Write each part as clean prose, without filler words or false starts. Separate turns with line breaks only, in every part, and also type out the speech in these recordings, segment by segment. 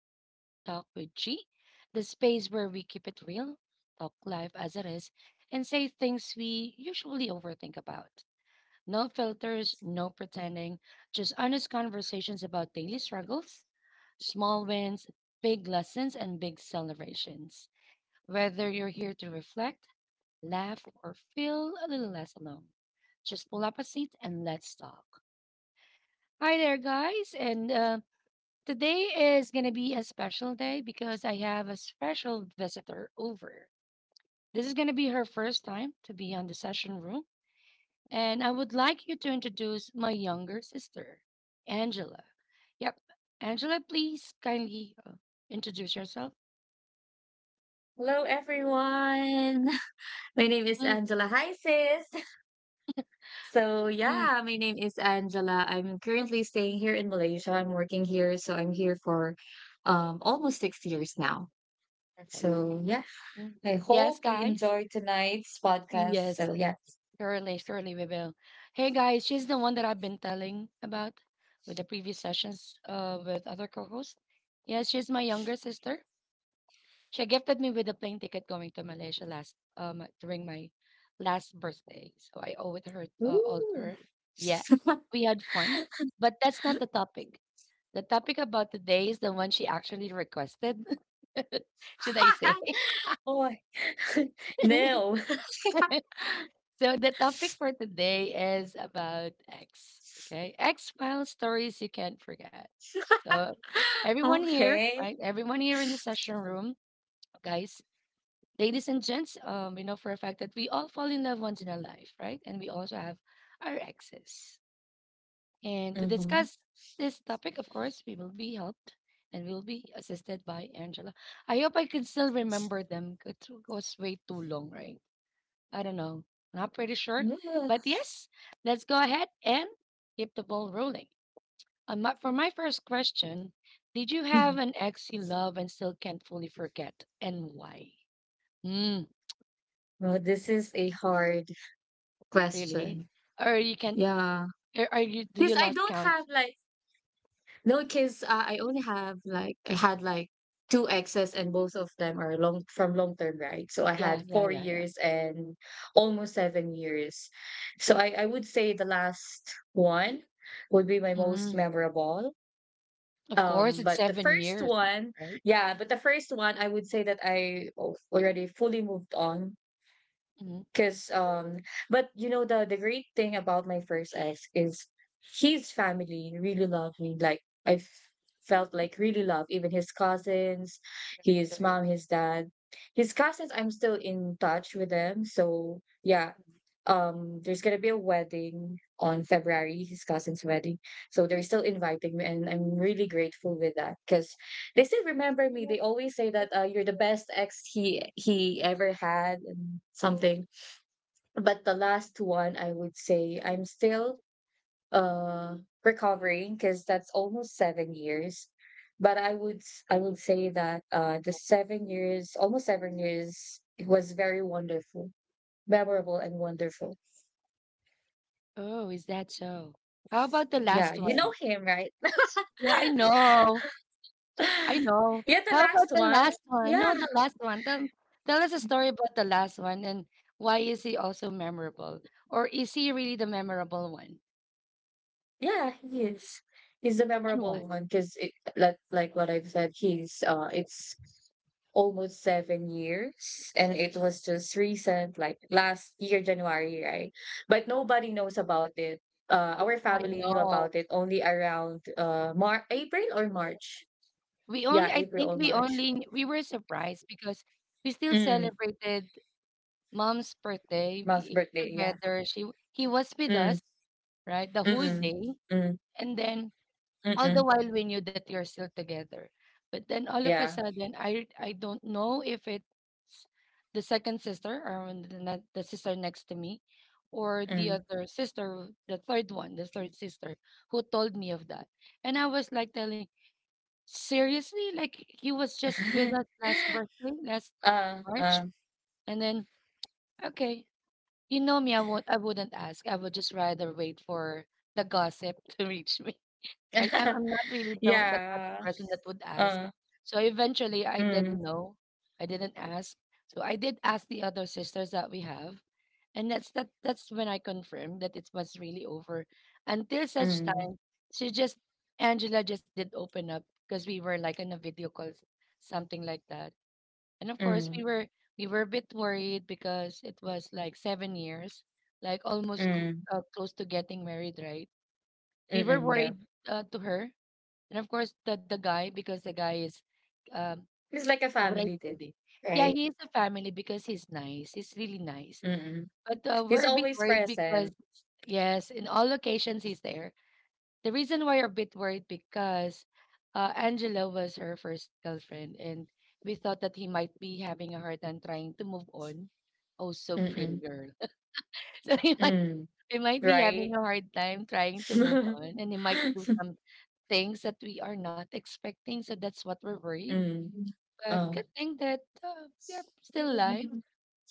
to Daily Talk with G, the space where we keep it real, talk life as it is, and say things we usually overthink about. No filters, no pretending, just honest conversations about daily struggles, small wins, big lessons, and big celebrations. Whether you're here to reflect, laugh, or feel a little less alone, just pull up a seat and let's talk. Hi there, guys, and today is going to be a special day because I have a special visitor over. This is going to be her first time to be on the session room, and I would like you to introduce my younger sister, Angela. Yep, Angela, please kindly introduce yourself.
Hello, everyone. My name is
Mm.
Angela. Hi, sis. So,
Mm.
yeah, my name is Angela. I'm currently staying here in Malaysia. I'm working here. So, I'm here for almost 6 years now.
Perfect.
So, yeah,
Mm.
I
Yes,
hope we
guys.
enjoy tonight's podcast.
Yes,
So, yeah.
surely, surely we will. Hey, guys, she's the one that I've been telling about with the previous sessions with other co hosts. Yes, she's my younger sister. She gifted me with a plane ticket going to Malaysia last during my last birthday. So I owe it her, all to
Ooh.
her. Yes, we had fun, but that's not the topic. The topic about today is the one she actually requested. Should I say?
oh, my- no.
So the topic for today is about X. Okay, X Files stories you can't forget. So everyone here,
Okay.
right? Everyone here in the session room, guys, ladies and gents, we know for a fact that we all fall in love once in our life, right? And we also have our exes. And to
Mm-hmm.
discuss this topic, of course, we will be helped and we will be assisted by Angela. I hope I can still remember them, 'cause it was way too long, right? I don't know. Not pretty sure.
Yeah.
But yes, let's go ahead and keep the ball rolling. For my first question, did you have an ex you love and still can't fully forget, and why? Hmm.
Well, this is a hard
Really?
question.
Or you can
Yeah.
or are you do
Because
you
I
lost
don't
count?
have like No, because I had like two exes, and both of them are long term, right? So I
Yeah,
had
yeah,
four
yeah, yeah.
years and almost 7 years. So I would say the last one would be my most
Mm.
memorable.
Of course, it's
But the
seven
first
years,
one,
right?
yeah, but the first one, I would say that already fully moved on.
Mm.
Cause but you know, the great thing about my first ex is his family really loved me. Like felt like really love. Even his cousins, his
Right.
mom, his dad. His cousins, I'm still in touch with them. So, yeah.
Mm.
Um, there's gonna be a wedding on February, his cousin's wedding. So they're still inviting me and I'm really grateful with that because they still remember me. They always say that you're the best ex he ever had and something. But the last one, I would say I'm still uh recovering because that's almost 7 years. But I would say that the 7 years, almost 7 years, it was very wonderful. Memorable and wonderful.
Oh, is that so? How about the
Yeah,
last
you know
one?
him, right?
Yeah, I know. I know.
Yeah, the
How about
last
the
one.
last one?
Yeah,
No, the last one. Tell us a story about the last one, and why is he also memorable? Or is he really the memorable one?
yeah, he is. He's the
And why?
memorable one because, like what I've said, he's it's almost 7 years, and it was just recent, like last year, January, right? But nobody knows about it.
Yeah,
Our
I
family knew
know.
about it only around april or march.
We only,
Yeah,
I think
april or
we
march.
only, we were surprised because we still
Mm,
celebrated mom's birthday.
mom's
We ate
birthday, yeah.
together. He was with
Mm,
us, right, the whole
mm-mm,
day.
mm,
And then, all the
mm-mm,
while, we knew that you're still together. But then all of a
yeah,
sudden, I don't know if it's the second sister, or when the sister next to me, or the
mm.
other sister, the third one, the third sister, who told me of that. And I was like telling, seriously? Like he was just with us last birthday, last March.
Uh.
And then, okay, you know me, I wouldn't ask. I would just rather wait for the gossip to reach me. Right? I'm not really the type of
Yeah.
person that would ask.
Uh,
So eventually, I did
mm,
know. I didn't ask. So I did ask the other sisters that we have, and that's that. That's when I confirmed that it was really over. Until such
mm,
time, she just Angela just did open up because we were like in a video call, something like that. And of course,
mm,
we were a bit worried because it was like 7 years, like
mm,
close to getting married, right? We were
mm-mm, yeah.
worried, to her, and of course, the guy, because the guy is, um,
It's like a
how would I
family,
say
did,
this? Yeah,
right.
he is a family because he's nice. He's really nice.
Mm.
But,
He's
we're a bit
always
worried because,
present.
yes, in all locations he's there. The reason why we're a bit worried because, Angela was her first girlfriend, and we thought that he might be having a hard time trying to move on. Oh, so pretty
Mm.
girl. So he might,
Mm.
he might be having
Right?
a hard time trying to move on, and he might do some things that we are not expecting. So that's what we're worried.
Mm.
But
Oh.
good thing that, we are still live,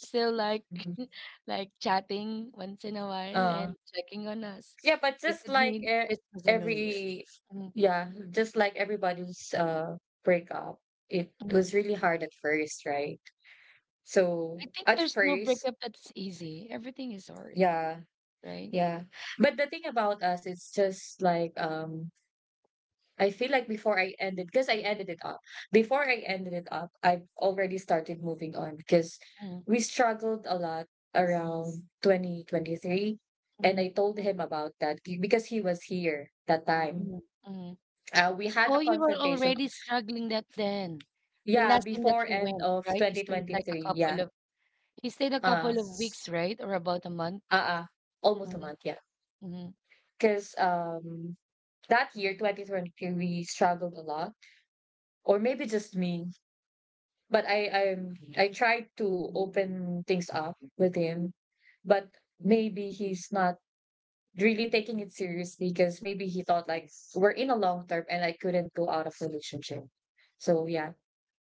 still like like chatting once in a while
Uh,
and checking on us.
yeah, but
It
just
could
like
mean
e-
Christmas and New Year.
every,
Mm,
yeah, just like everybody's breakup, it
mm.
was really hard at first, right? So
I think
at
there's no
first,
breakup that's easy. Everything is hard,
yeah,
right?
yeah. But the thing about us, it's just like, um, I feel like before I ended, because I ended it up, before I ended it up, I've already started moving on because
Mm,
we struggled a lot around 2023. And
mm,
I told him about because he was here that time.
mm, mm.
We had a
Oh, you were
confrontation.
already struggling that then. The
Yeah,
last time that
before
he
end
went,
of
right? He stayed like a
2023.
couple
Yeah.
of he stayed a
Uh,
couple of weeks, right? Or about a month.
uh, uh almost a month. Yeah.
Mhm.
Because, that year, 2023, we struggled a lot. Or maybe just me, but I tried to open things up with him, but maybe he's not really taking it seriously because maybe he thought like we're in a long term and I couldn't go out of relationship. So, yeah.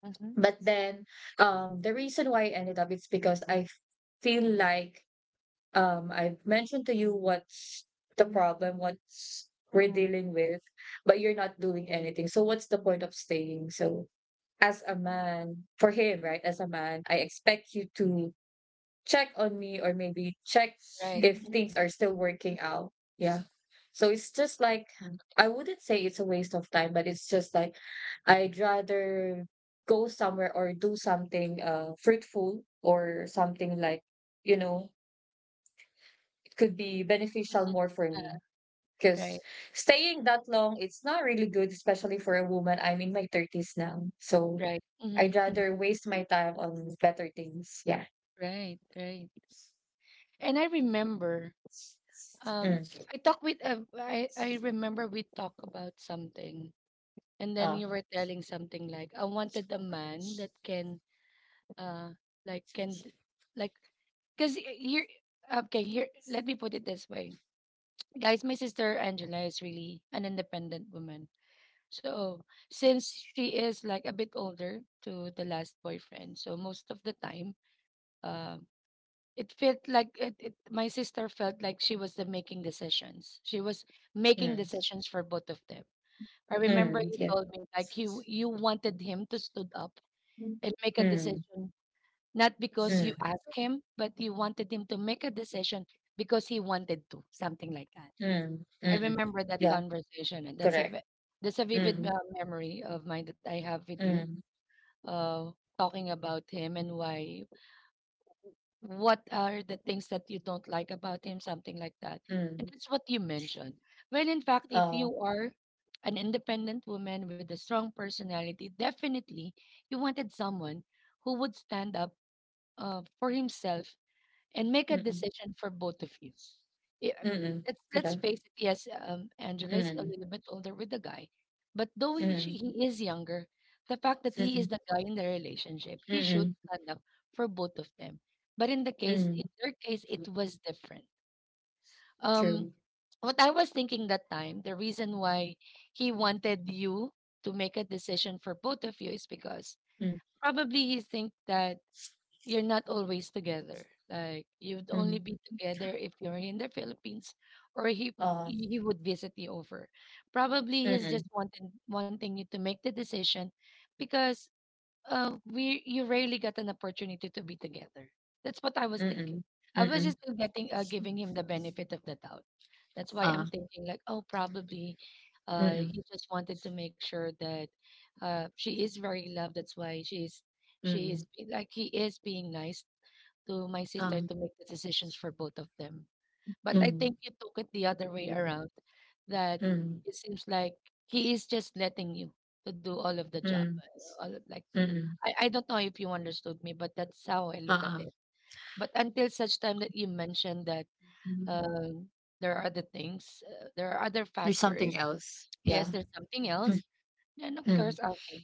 Mhm.
But then, um, the reason why I ended up, it's because feel like, um, I've mentioned to you what's the problem, what's we're
Mhm.
dealing with, but you're not doing anything. So what's the point of staying? So as a man, for him, right? As a man, I expect you to check on me or maybe check
right.
if things are still working out. Yeah. So it's just like, I wouldn't say it's a waste of time, but it's just like, I'd rather go somewhere or do something fruitful or something like, you know, it could be beneficial
Mhm.
more for me
uh,
because
Right,
staying that long, it's not really good, especially for a woman. I'm in my 30s now. So
right.
I'd
Mhm, mhm.
rather waste my time on better things. Yeah.
Right, right. And I remember, um,
Mm.
I talked with, I remember we talked about something, and then
Ah.
you were telling something like, I wanted a man that can, uh, like, can, d- like, because you're, okay, here, let me put it this way. Guys, my sister Angela is really an independent woman. So, since she is like a bit older to the last boyfriend, so most of the time, um, it felt like it, My sister felt like she was the making decisions. She was making
Mm.
decisions for both of them. I remember
Mm.
you
Yeah.
told me like you wanted him to stood up and make a
Mm.
decision, not because
Mm.
you asked him, but you wanted him to make a decision because he wanted to, something like that.
Mm.
I
Mm.
remember that
Yeah.
conversation, and that's
Correct.
that's a vivid,
Mm.
memory of mine that I have with you,
Mm.
uh, talking about him, and why what are the things that you don't like about him, something like that, and
Mm.
that's what you mentioned. Well, in fact, if
Ah.
you are an independent woman with a strong personality, definitely you wanted someone who would stand up, for himself, and make a
Mm.
decision for both of you. Yeah,
Mm. Mm.
let's
Correct.
face it. Yes, Angela is a
Mm.
little bit older with the guy, but though he, she,
Mm.
he is younger, the fact that he is
Mm.
the guy in the relationship, he should
Mm. Mm.
stand up for both of them. But in
Mm.
in their case, it was different. Um,
True.
what I was thinking that time, the reason why he wanted you to make a decision for both of you is because
Mm.
probably he think that you're not always together. Like you'd only
Mm.
be together if you're in the Philippines, or he
Ah.
he would visit you over. Probably he's
Mm.
just wanting you to make the decision because, we you rarely got an opportunity to be together. That's what I was
Mm.
thinking.
Mm.
I
Mm.
was
Mm.
just still getting giving him the benefit of the doubt. That's why
Ah.
I'm thinking like, oh, probably,
Mm-mm,
he just wanted to make sure that, she is very loved. That's why she's she is
mm-mm,
like he is being nice to my sister,
um,
to make the decisions for both of them. But I
mm,
think you took it the other way
mm, oo,
around. That
mm,
it seems like he is just letting you to do all of the job,
mm,
all of, like
mm,
I don't know if you understood me, but that's how I look at
uh-uh, mm,
it.
oo.
But until such time that you mentioned that,
Hmm,
um, there are other
there's something
factors.
else, yeah.
Yes, there's something
Mm,
else. Then of
mm,
course, okay,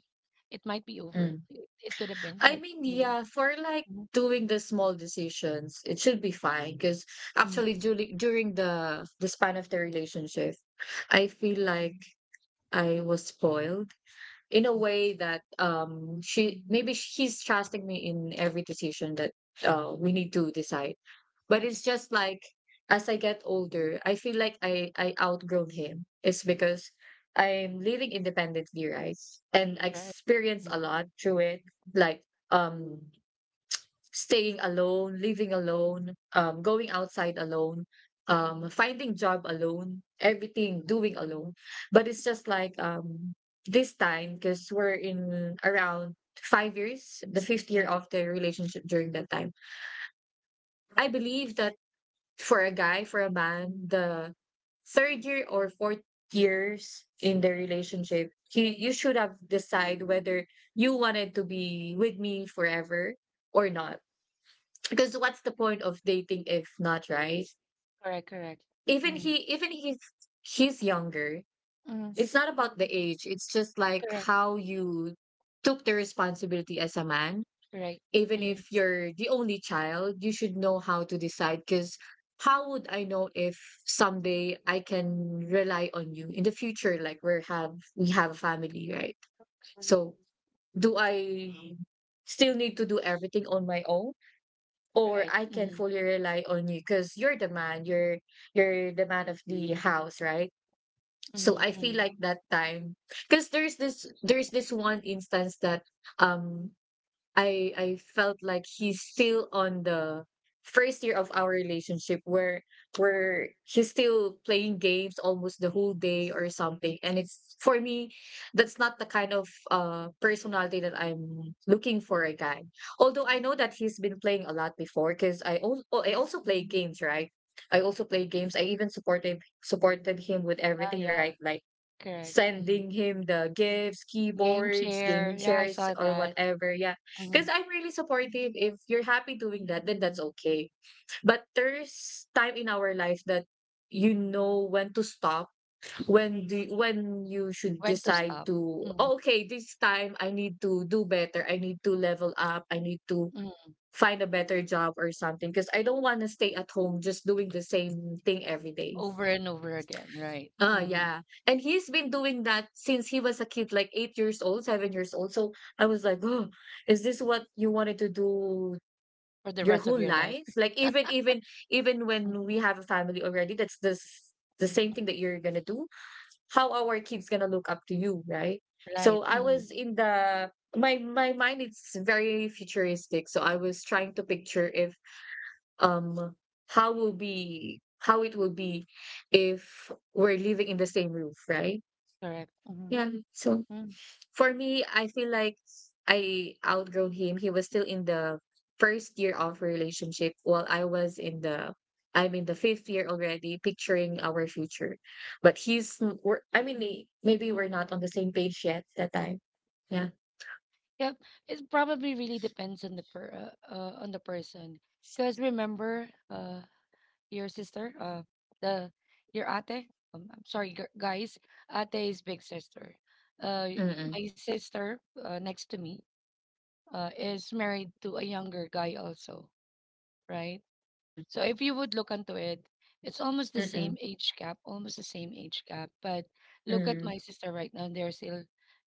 it might be over.
mm.
It could have been
I
like
mean,
really.
yeah, for, like,
Mhm,
doing the small decisions, it should be fine. Cause
mhm,
actually during the span of the relationship, I feel like I was spoiled. In a
mhm,
way that, um, she, maybe she's trusting me in every decision that we need to decide, but it's
mhm.
just like, as I get older, I feel like I outgrown him. It's because I'm living independently, right? And I
Right.
experience a
Mm.
lot through it, like, um, staying alone, living alone, going outside alone, finding job alone, everything doing alone. But it's just like, this time, because we're in around 5 years, the fifth year of the relationship during that time. I believe that for a guy, for a man, the third year or fourth years in the relationship, he, you should have decide whether you wanted to be with me forever or not, because what's the point of dating if not, right?
Correct. Correct.
Even he,
Mm.
even he's younger.
Mm.
It's not about the age. It's just like
Correct.
how you took the responsibility as a man.
Correct.
Even
Mm.
if you're the only child, you should know how to decide. Because how would I know if someday I can rely on you in the future? Like we have a family, right? So do I still need to do everything on my own? Or
Right.
I can
Mm,
fully rely on you, because you're the man, you're the man of the house, right? So I
mm,
feel
mm.
like that time, because there's this one instance that, um, I felt like he's still on the first year of our relationship, where he's still playing games almost the whole day or something, and it's for me, that's not the kind of personality that I'm looking for a guy. Although I know that he's been playing a lot before, because I also play games, right? I also play games. I even supported him with
Yeah.
everything, right?
Yeah.
Like
Correct.
sending
Mm.
him the gifts,
Game
keyboards, gaming
chair. Yeah, I
chairs,
saw
or
that.
whatever. Yeah. Because
Mm.
I'm really supportive. If you're happy doing that, then that's okay. But there's time in our life that you know when to stop, when you should
When to
decide
stop.
to,
Mm-hmm.
oh, okay, this time I need to do better. I need to level up. I need to
Mm.
find a better job or something, because I don't want to stay at home just doing the same thing every day.
Over and over again, right? Mm.
Yeah. And he's been doing that since he was a kid, like 8 years old, 7 years old. So I was like, oh, is this what you wanted to do
For the
your
rest of
whole
your life.
life? Like even even
Mm-hmm.
when we have a family already, that's this the same thing that you're gonna do. How are our kids gonna look up to you, right?
Right.
So I
Mm.
was in the, my mind, it's very futuristic. So I was trying to picture if, um, how it will be if we're living in the same roof, right?
Correct. Mm,
Yeah. So
mm.
for me, I feel like I outgrown him. He was still in the first year of relationship while I was in the, I'm in the fifth year already, picturing our future. But we're, I mean, maybe we're not on the same page yet that time. Yeah.
Yep. It probably really depends on the per on the person. Because remember, your sister, the your ate. I'm sorry, guys. Ate is big sister. Uh,
Mm-mm.
my sister, next to me, is married to a younger guy also, right?
Mm.
So if you would look into it, it's almost the same
Mm-mm.
age gap, almost the same age gap. But look at
Mm-mm.
my sister right now, they're still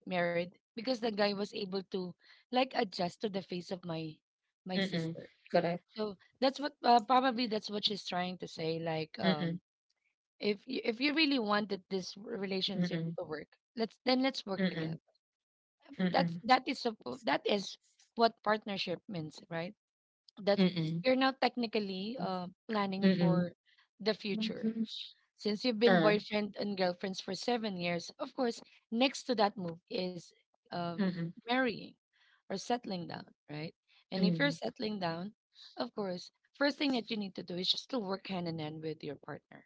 married because the guy was able to like adjust to the face of my
Mm-mm.
sister.
Correct.
So that's what she's trying to say. Like,
Mm-mm.
if you, really wanted this relationship
Mm-mm.
to work, let's work
Mm-mm.
together. That is what partnership means, right? That
Mm-mm.
you're now technically, planning
Mm-mm.
for the future.
Mm-mm.
Since you've been
Uh,
boyfriend and girlfriends for 7 years, of course, next to that move is um
mm-mm.
marrying or settling down, right? And if you're
Mm-mm.
settling down, of course, first thing that you need to do is just to work hand in hand with your partner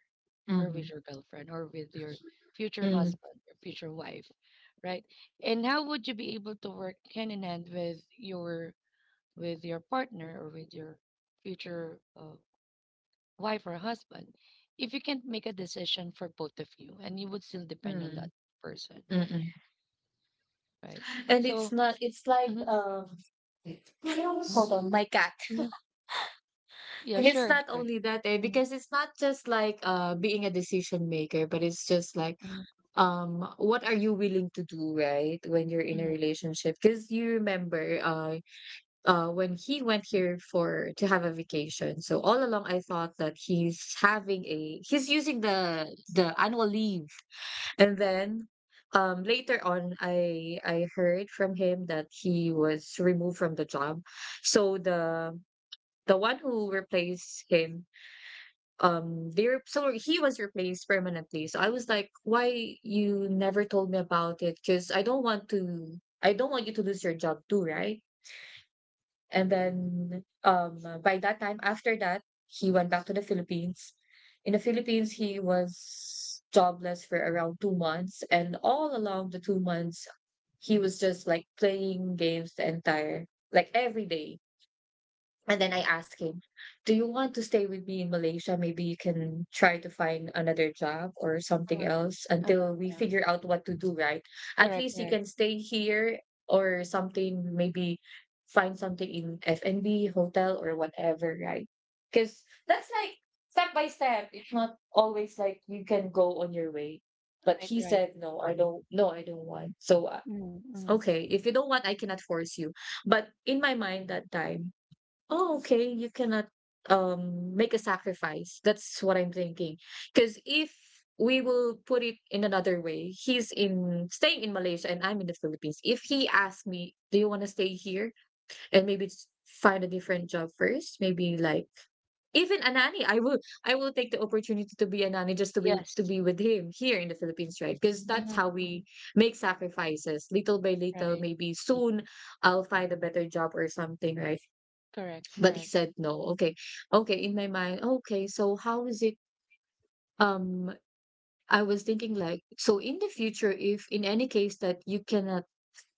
or with
Mm-mm.
your girlfriend or with your future husband or future wife, right? And how would you be able to work hand in hand with your partner or with your future wife or husband if you can't make a decision for both of you and you would still depend on
Mm-mm.
that person,
Mm-mm.
right?
And
So,
it's not, it's like,
mhm,
hold
mhm,
on, my cat.
mhm. Yeah,
It's
sure,
not
sure.
only that, eh,
Mhm,
because it's not just like being a decision maker, but it's just like,
mhm,
um, what are you willing to do, right? When you're in
mhm.
a relationship. Because you remember when he went here for to have a vacation. So all along I thought that he's having a he's using the annual leave, and then, later on, I heard from him that he was removed from the job. So the one who replaced him, so he was replaced permanently. So I was like, why you never told me about it? Because I don't want to. I don't want you to lose your job too, right? And then, by that time, after that, he went back to the Philippines. In the Philippines, he was jobless for around 2 months. And all along the 2 months, he was just like playing games the entire, like every day. And then I asked him, do you want to stay with me in Malaysia? Maybe you can try to find another job or something else
Uh, uh,
until we
uh,
figure out what to do, right? At
correct,
least you
correct,
can stay here or something, maybe find something in F&B, hotel, or whatever, right? Because that's like step by step. It's not always like you can go on your way. But
right,
he
right.
said, no, I don't want.
Mhm, mhm.
Okay, if you don't want, I cannot force you. But in my mind that time, oh, okay, you cannot make a sacrifice. That's what I'm thinking. Because if we will put it in another way, he's in staying in Malaysia and I'm in the Philippines. If he asks me, do you want to stay here and maybe find a different job first? Maybe like even a nanny. I will take the opportunity to be a nanny just to be to
Yes.
be with him here in the Philippines, right? Because that's
Mhm,
how
mhm.
we make sacrifices, little by little.
Right.
Maybe
Mhm.
soon I'll find a better job or something, right?
Correct,
But he
correct.
said no. Okay, okay, in my mind, okay, so how is it? um I was thinking like, so in the future, if in any case that you cannot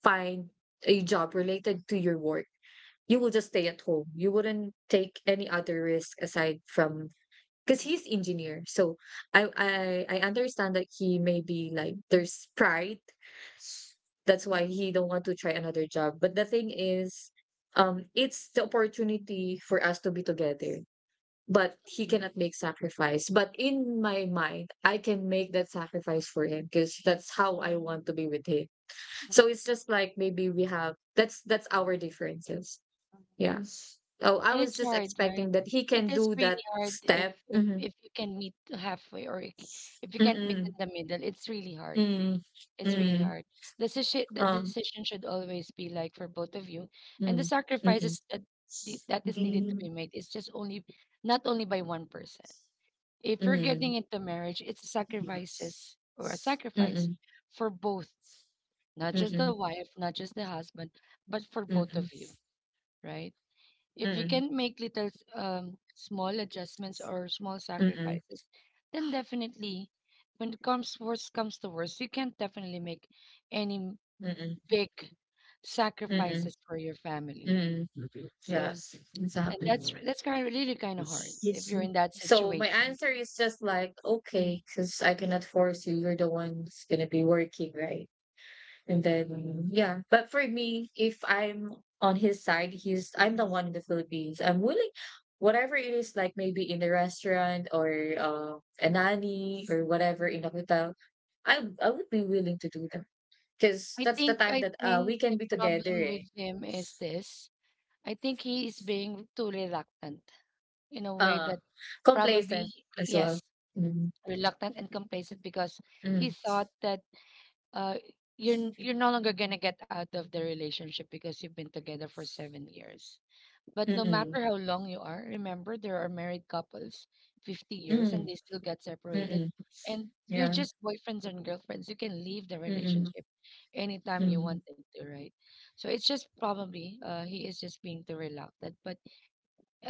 find a job related to your work, you will just stay at home. You wouldn't take any other risk aside from, because he's engineer. So I understand that he may be like there's pride, that's why he don't want to try another job. But the thing is, it's the opportunity for us to be together, but he
Mhm,
cannot make sacrifice. But in my mind, I can make that sacrifice for him because that's how I want to be with him.
mhm.
So it's just like maybe we have that's our differences. Yeah. Oh, I
And
was
it's
just
hard, right?
expecting that he
It
can
is
do that
really hard if
step.
if
Mm-hmm.
if you can meet halfway, or if you can't meet in
Mm-mm.
the middle, it's really hard.
Mm.
It's really
Mm.
hard. The decision the
Um.
decision should always be like for both of you, and the
Mm. Mm. Mm.
sacrifices that that is needed to be made is just only not only by one person. If you're
Mm.
getting into marriage, it's
Mm.
sacrifices or a
Mm.
sacrifice
Mm.
for both, not
Mm.
just the
Mm.
wife, not just the husband, but for both
Mm.
of you, right? If you
Mm.
can make little small adjustments or small
Mm. Mm.
sacrifices, then definitely, when it comes worst comes to worst, you can't definitely make any
Mm.
big
Mm.
sacrifices for your family.
Mm,
So,
yes,
and
exactly.
that's kind of really kind of hard if you're in that
So my
situation.
answer is just like,
Mm-hmm.
okay, because I cannot force you. You're the one who's gonna be working, right? And then yeah. But for me, if I'm on his side, he's I'm the one in the Philippines. I'm willing, whatever it is, like maybe in the restaurant or a nanny or whatever in a hotel, I would be willing to do that. Because
I
that's the
think
time
I
that
think
we
the
can be
problem
together.
with
Eh.
him is this. I think he is being too reluctant in a way
Uh,
that,
complacent
probably
as well.
yes,
Mm,
reluctant and complacent because he
mm,
thought that uh you're no longer gonna get out of the relationship because you've been together for 7 years. But no
mm-mm,
matter how long you are, remember, there are married couples 50 years and
mm,
they still get separated.
mm-mm,
And you're
yeah,
just boyfriends and girlfriends. You can leave the
mm-mm,
relationship anytime you
mm,
wanted to, right? So it's just probably he is just being too reluctant. But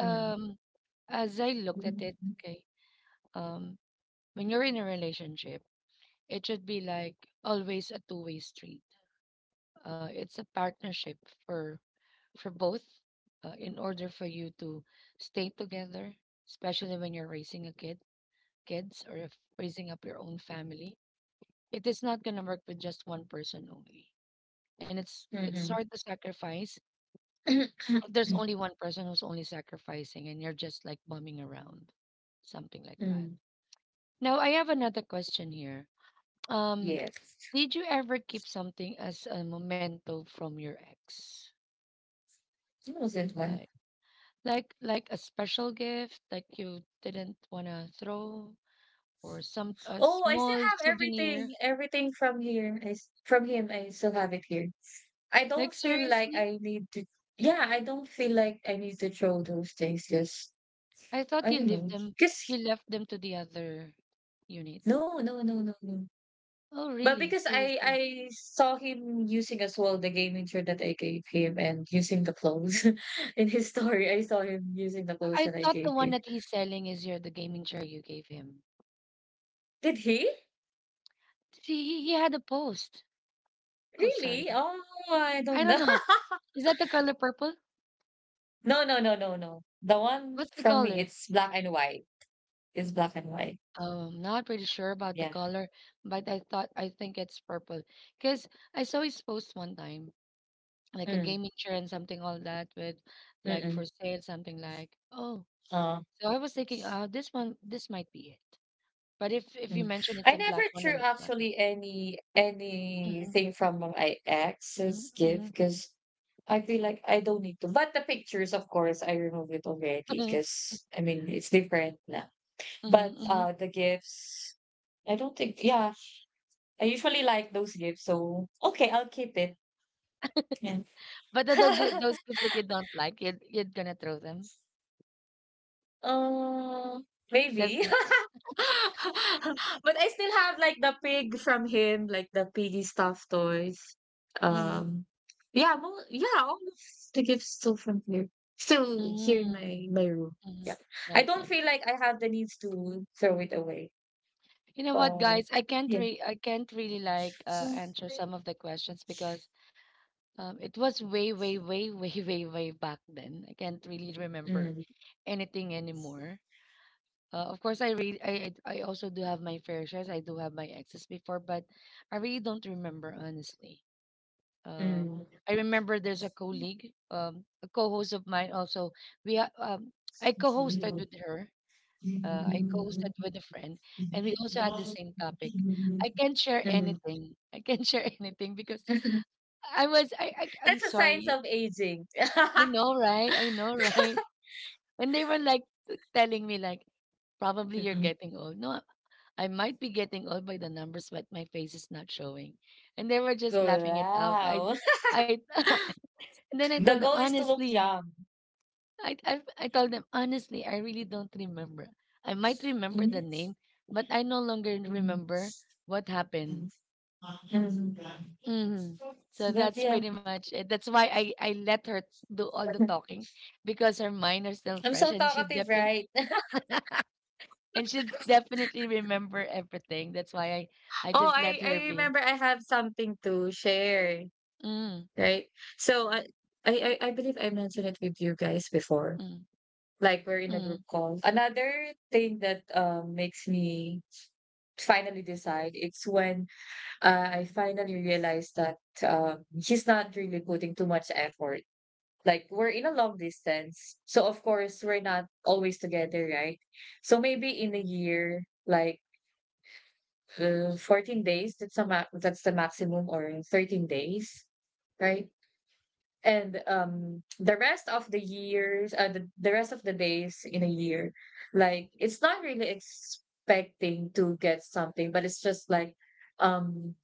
mm,
as I looked
mm,
at it, okay, um when you're in a relationship, it should be like always a two-way street, it's a partnership for for both, in order for you to stay together, especially when you're raising a kid kids, or if raising up your own family, it is not going to work with just one person only, and it's
mm,
hard to sacrifice if there's
mm.
only one person who's only sacrificing, and you're just like bumming around, something like that.
Mm,
Now I have another question here. um
yes.
did you ever keep something as a memento from your ex?
What was it one?
Like like a special gift, like you didn't want to throw, or some a
Oh, I still
small
have
souvenir.
everything. Everything from here is from him. I still have it here. I
Like,
don't feel like
seriously,
I need to. Yeah, I don't feel like I need to throw those things. Just
I thought
I don't know.
you
Cause
left them to the other unit.
no, no, no, no, no.
Oh,
But
really?
because I
Seriously,
I saw him using as well the gaming chair that I gave him and using the clothes in his story, I saw him using the clothes
I
that I
thought the
gave
one
him.
that he's selling is your the gaming chair you gave him.
Did he?
See, he had a post. Oh,
Really?
sorry,
Oh, I
I
don't
don't
know.
know. Is that the color purple?
No, no, no, no, no. The one
What's the
from me,
color?
it's black and white. It's black and white.
Oh, I'm not pretty sure about the
Yeah.
color, but I think it's purple because I saw his post one time like a
Mm,
game insurance, something all that with like for
mm-mm.
sale, something like, oh.
Oh.
So I was thinking, this might be it. But if you
Mm.
mention it's
I
a
never
black one, then
threw
it's not it.
actually
Mm-hmm,
anything from my ex's
mm-hmm.
gift because I feel like I don't need to. But the pictures, of course, I removed it already because I mean it's different now. But
Hmm.
the gifts, I don't think. Yeah, I usually like those gifts, so okay, I'll keep it. Yeah.
But those gifts that you don't like, you're gonna throw them.
um, maybe.
Certain case.
But I still have like the pig from him, like the piggy stuffed toys.
Mm-hmm.
Um, yeah, mo yeah, all of the gifts still from here, still
Mm,
here in my room.
mm.
Yeah, I don't
Okay.
feel like I have the needs to throw it away,
You know what,
but
guys?
yeah.
I can't really like answer some of the questions, because it was way, way, way, way, way, way back then. I can't really remember
Mm,
anything anymore. Of course, I read. I also do have my fair shares. I do have my exes before, but I really don't remember, honestly. Uh,
mm.
I remember there's a colleague, a co-host of mine. Also, we ha- um, I co-hosted with her. I co-hosted with a friend, and we also had the same topic. I can't share
Mhm.
anything. I can't share anything because I'm
That's a signs
sorry.
of aging.
I know, right? I know, right? And they were like telling me, like, probably you're
Mm-mm.
getting old. No, I might be getting old by the numbers, but my face is not showing. And they were just laughing it out.
Wow.
I, and then I told
The
them
goal is to look
honestly.
young.
I told them honestly. I really don't remember. I might remember the
But
name, but I no longer remember what happened. Mhm. So that's
yeah,
pretty much it. That's why I let her do all the talking, because her mind are still
I'm
fresh
so
and she
talkative,
definitely,
right?
and she'll definitely remember everything. That's why I
Oh,
just let
I
her be.
remember I have something to share,
Mm,
right? So I I believe I mentioned it with you guys before.
mm,
Like we're in a group
mm.
call. Another thing that makes me finally decide it's when I finally realized that she's not really putting too much effort. Like we're in a long distance, so of course we're not always together, right? So maybe in a year, like, 14 days, that's the maximum, or 13 days, right? And the rest of the years, the rest of the days in a year, like it's not really expecting to get something, but it's just like, um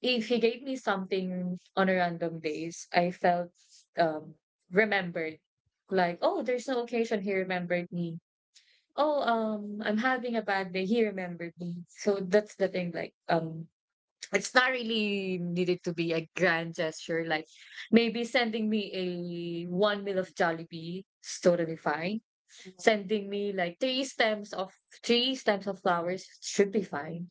if he gave me something on a random days, I felt, um remembered. Like, oh, there's no occasion, he remembered me. Oh, I'm having a bad day, he remembered me. So that's the thing. Like, it's not really needed to be a grand gesture. Like, maybe sending me a one meal of Jollibee is totally fine. Sending me like three stems of flowers should be fine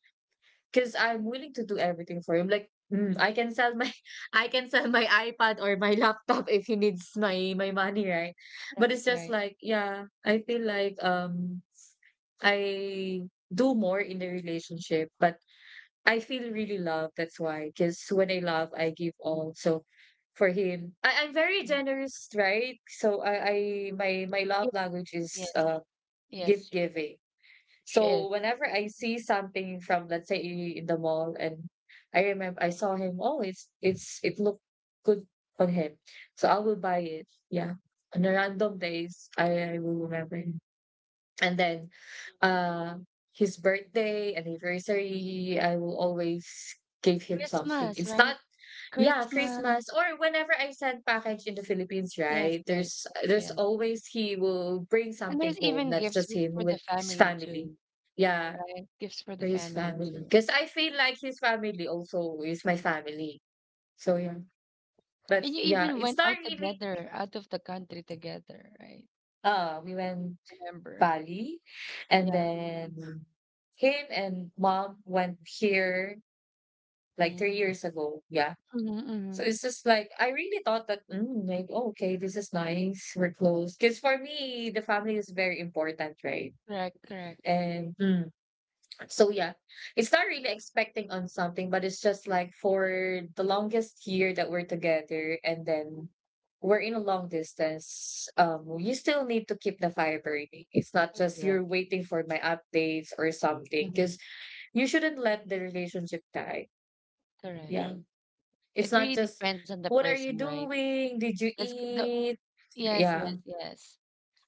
because I'm willing to do everything for him. Like, mm, I can sell my, I can sell my iPad or my laptop if he needs my money, right? But
Right,
it's just
right.
like, yeah, I feel like I do more in the relationship, but I feel really loved. That's why, because when I love, I give all. So for him, I'm very
Mm.
generous, right? So I my my love
Yeah.
language is
Yes.
give
Yes, she,
giving.
she is.
So whenever I see something from, let's say, in the mall, and I remember I saw him, oh, it's it looked good on him, so I will buy it. Yeah, on the random days, I will remember, and then uh his birthday anniversary, I will always give him something.
Christmas,
It's not,
right?
yeah,
Christmas.
Christmas or whenever I send package in the Philippines,
Yes,
right,
yes,
there's
yes, yes.
always he will bring
And
something
there's
home,
even
that's
gifts
just
with
him
for the
with his
family
family.
too,
Yeah,
right? Gifts for the
for his
family
family,
too.
because I feel like his family also is my family, so yeah.
And
But
you
yeah,
even went
it's not
out
really,
together, out of the country together, right?
we went
Remember?
Bali. And
Yeah.
then him and mom went here like
Mm-hmm.
3 years ago. Yeah.
Mm-hmm.
So it's just like I really thought that, mm, like, oh, okay, this is nice. We're close, because for me the family is very important, right?
Correct, correct.
And mm, so yeah, it's not really expecting on something, but it's just like for the longest year that we're together, and
Mhm.
then we're in a long distance, you still need to keep the fire burning. It's not just
Correct.
you're waiting for my updates or something,
Mm-hmm.
because you shouldn't let the relationship die. Yeah.
Correct.
It's
It
not
really
just,
depends on the
what are
person,
you
right?
doing? Did you
Let's give the.
eat?
Yes,
Yeah.
yes, yes.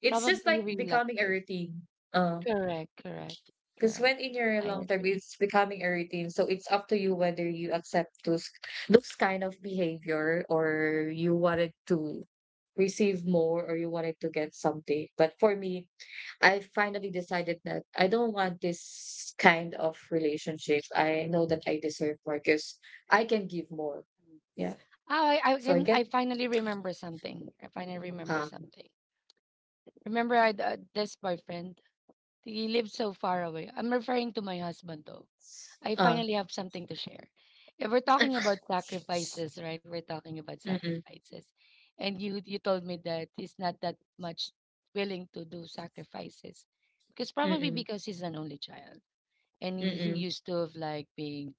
It's
Probably
just
he
like
really loved
becoming a
those.
routine. Uh,
Correct, correct,
Because
correct.
when in your
I
long term,
agree.
it's becoming a routine. So it's up to you whether you accept those kind of behavior or you wanted to receive more or you wanted to get something. But for me, I finally decided that I don't want this kind of relationship. I know that I deserve more because I can give more. Yeah.
Oh, I
So I
can.
get
I finally remember something. I finally remember
ah
something. Remember, I this boyfriend. He lived so far away. I'm referring to my husband, though. I
ah
finally have something to share. If we're talking about sacrifices, right? We're talking about
mm-mm,
sacrifices. And you told me that he's not that much willing to do sacrifices. Because probably
mm-mm,
because he's an only child. And he
mm-mm,
used to of like being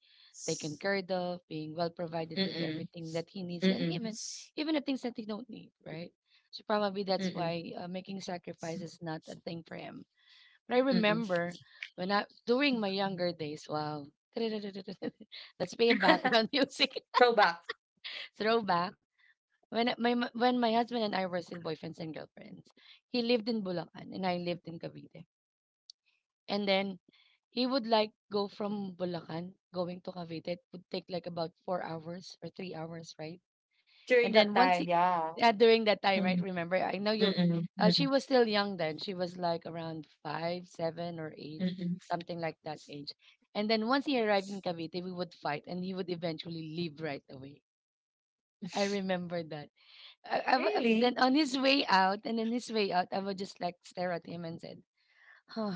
taken care of, being well provided with everything that he needs, and
mm-mm,
even the things that he don't need, right? So probably that's
mm-mm,
why, making sacrifice is not a thing for him, but I
mm-mm.
remember when I during my younger days. Wow, let's play a background music
Throwback
throwback. When my husband and I were still boyfriends and girlfriends, he lived in Bulacan and I lived in Cavite. And then he would like go from Bulacan going to Cavite. It would take like about 4 hours or 3 hours, right? And
during that
then once
time, yeah.
during that time, right?
Mm,
Remember, I know you,
mm, mm,
she was still young then. She was like around five, seven, or eight,
mm.
something like that age. And then once he arrived in Cavite, we would fight and he would eventually leave right away. I remember that. I, I w- uh,
Really?
then on his way out, and then his way out, I would just like stare at him and said, huh.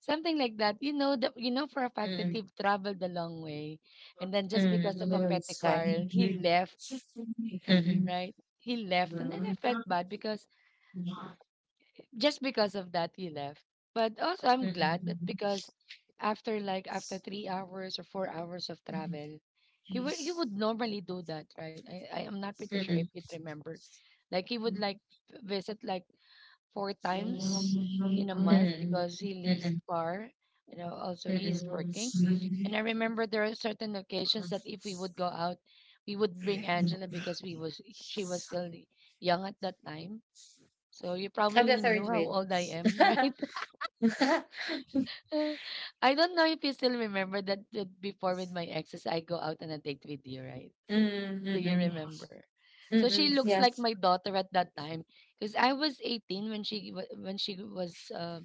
Something like that. That you know for a fact that
Mm,
he traveled a long way, and then just
mm,
because of a
no,
petty
it's fine.
quarrel,
Mm,
he
mm,
left,
mm,
right? He left, and then I felt
mm,
bad because just because of that, he left. But also I'm glad that
mm,
because after 3 hours or 4 hours of
mm.
travel, he would normally do that, right? I am not pretty sure if you remember, like he would like visit like four times in a month because he lives far. You know, also he's working. And I remember there are certain occasions that if we would go out, we would bring Angela because we was she was still young at that time. So you
I'm the
probably knew
third
how
win.
old I am,
mm,
right? I don't know if you still remember that before, with my exes, I go out on a date with you, right?
mm,
Do you
mm,
remember? So she
mm,
looks
yeah,
like my daughter at that time because I was 18 when she wa-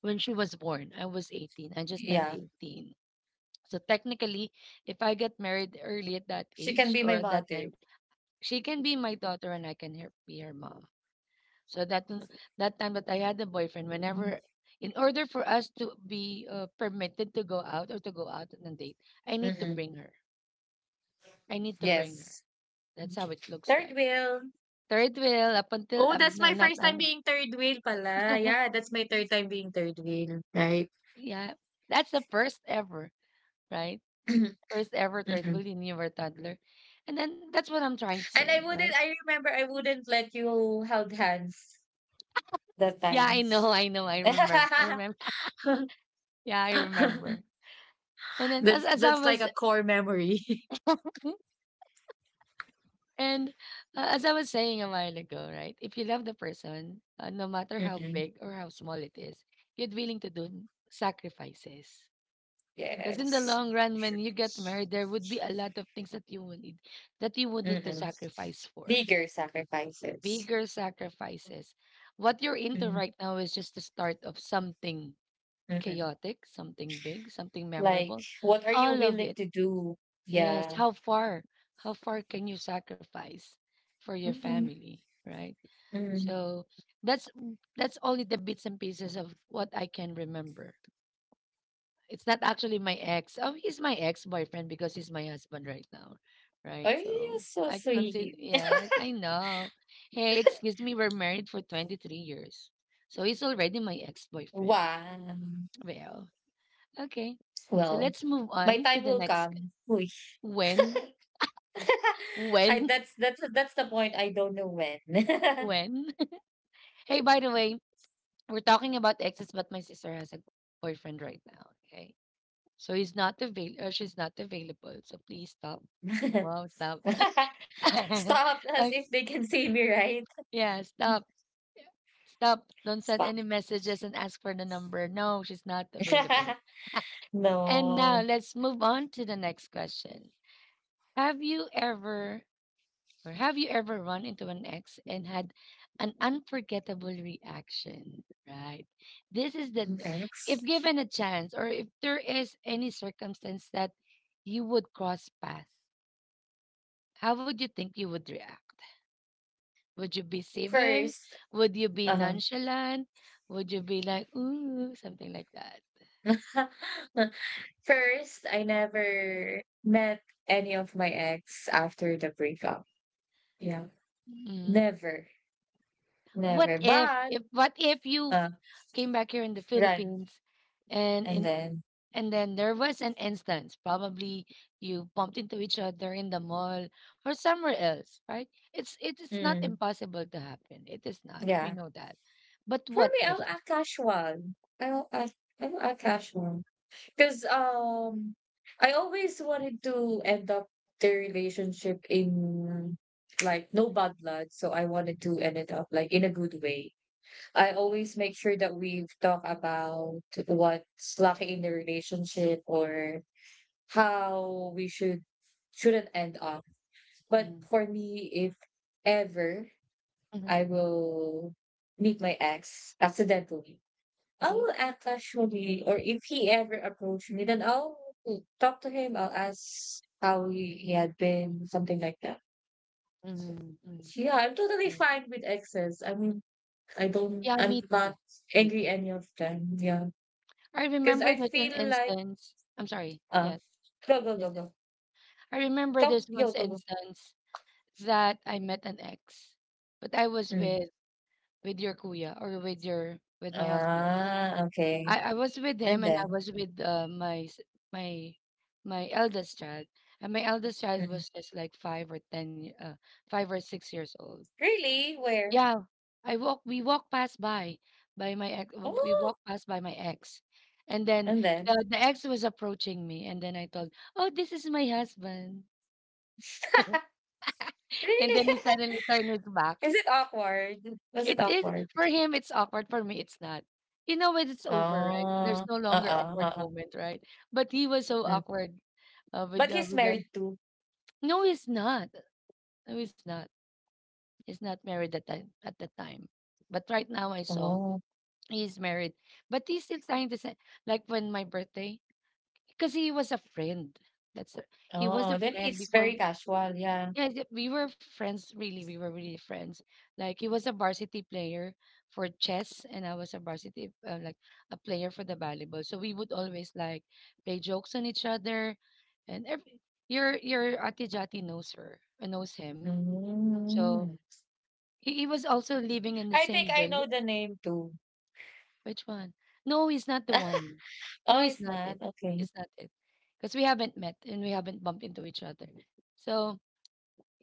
when she was born. I was 18. I just turned
yeah.
18. So technically, if I get married early at that
She can
age
be
or
my
at that time,
mother.
she can be my daughter and be her mom. So that time that I had a boyfriend, whenever in order for us to be permitted to go out or to go out on a date, I need to
Mhm.
bring her. I need to bring her.
Yes.
That's how it looks
Third
like.
wheel.
Third wheel up until
Oh, that's
no,
my
not
first time being third wheel pala. Yeah, that's my third time being third wheel. Right.
yeah. That's the first ever, right? First ever thread
Mhm.
really when you were toddler. And then that's what I'm trying to say,
And I
right?
wouldn't, I remember I wouldn't let you held hands that
Yeah, I
time.
know, I know, I remember. I remember. Yeah, I remember. And then, as
that's
as I
that's like
was
a core memory.
and as I was saying a while ago, right? If you love the person, no matter how
Mhm.
big or how small it is, you're willing to do sacrifices. Because in the
Yes.
long run,
Sure.
when you get married, there would be a lot of things that you would need to
Mm-mm.
sacrifice for,
Bigger sacrifices.
bigger sacrifices. What you're into right now is just the start of something
Mm-hmm.
chaotic, something big, something
Like,
memorable.
what are you
All of
willing
it.
to do?
Yes.
Yeah.
How far? How far can you sacrifice for your
Mhm.
family, right?
Mm.
So that's that's only the bits and pieces of what I can remember. It's not actually my ex. Oh, he's my ex-boyfriend because he's my husband right now,
Are
right? So
you so
I consider.
sweet?
Yes, I know. Hey, excuse me, we're married for 23 years, so he's already my ex-boyfriend.
Wow.
Well, okay. So
Well,
let's move
my
on
time
to the
will
next.
come. Uy.
When,
I
when,
that's the point. I don't know when.
when? Hey, by the way, we're talking about exes, but my sister has a boyfriend right now. Okay, so he's not avail. She's not available. So please stop. Wow, stop.
Stop as
Okay.
if they can see me, right?
Yeah, stop. Yeah. Stop. Don't send
Stop.
any messages and ask for the number. No, she's not available. And now
No.
let's move on to the next question. Have you ever or have you ever run into an ex and had an unforgettable reaction? Right. This is that if
Next.
given a chance or if there is any circumstance that you would cross paths, how would you think you would react? Would you be civil?
First,
Would you be
uh
nonchalant? Would you be like, ooh, something like that?
first I never met any of my ex after the breakup. Yeah.
Mm.
Never.
What
Never.
if,
But
what if you
uh
came back here in the
right.
Philippines and
And
in
then,
and then there was an instance, probably you bumped into each other in the mall or somewhere else, right? It's it is not
mm,
impossible to happen. It is not. We
yeah.
know that. But
For
what
me,
if?
I'll act casual. I'll act, I'll act casual. Because I always wanted to end up the relationship in like no bad blood. So I wanted to end it up like in a good way. I always make sure that we talk about what's lacking in the relationship or how we should shouldn't end up. But
Mm-hmm,
for me, if ever
mm-hmm,
I will meet my ex accidentally. I
mm-hmm,
will act casually, or if he ever approached me, then I'll talk to him. I'll ask how he had been, something like that.
mm-hmm.
Yeah, I'm totally
Nice.
fine with exes. I mean,
Yeah,
I'm
me
not
too. Me
angry
too.
any of them. Yeah.
I
Because
remember
I
there's an
feel like,
instance. I'm sorry.
uh,
Yes.
go, go, go,
Yes. yes.
go.
I remember
Come,
there's
yo,
once
go, go.
instance that I met an ex, but I was
Mm.
with your kuya or with your with my husband.
Ah, okay.
I was with
And
him and I
then,
was with my my eldest child, and my eldest child
mm.
was just like five or ten, 5 or 6 years old.
Really? Where?
Yeah, I walk. We walk past by my ex. We
Oh,
walk past by my ex, and then
and then.
The ex was approaching me, and then I told, "Oh, this is my husband," and
Really?
then he suddenly turned his back.
Is it awkward? Was it
It is
awkward?
for him. It's awkward for me. It's not. You know when it's over, right? There's
Oh,
no longer
uh-uh,
awkward
uh-uh.
moment, right? But he was so
Mm.
awkward
But he's
with that.
married too.
No, he's not. No, he's not. He's not married at that time. But right now, I saw
Oh,
He's married, but he's still trying to say, like when my birthday, because he was a friend. That's a, he was
oh,
a
then
friend
it's
before.
very casual, yeah.
Yeah, we were friends. Really, we were really friends. Like he was a varsity player for chess, and I was a varsity like a player for the volleyball. So we would always like play jokes on each other, and every your Ate Jati knows her, knows him. So
Mm.
he was also living in the
I think
same
I
build
know the name too.
Which one? No, he's not the one. No,
Oh,
he's
it's
not it.
not. Okay.
It's not it. Because we haven't met and we haven't bumped into each other. So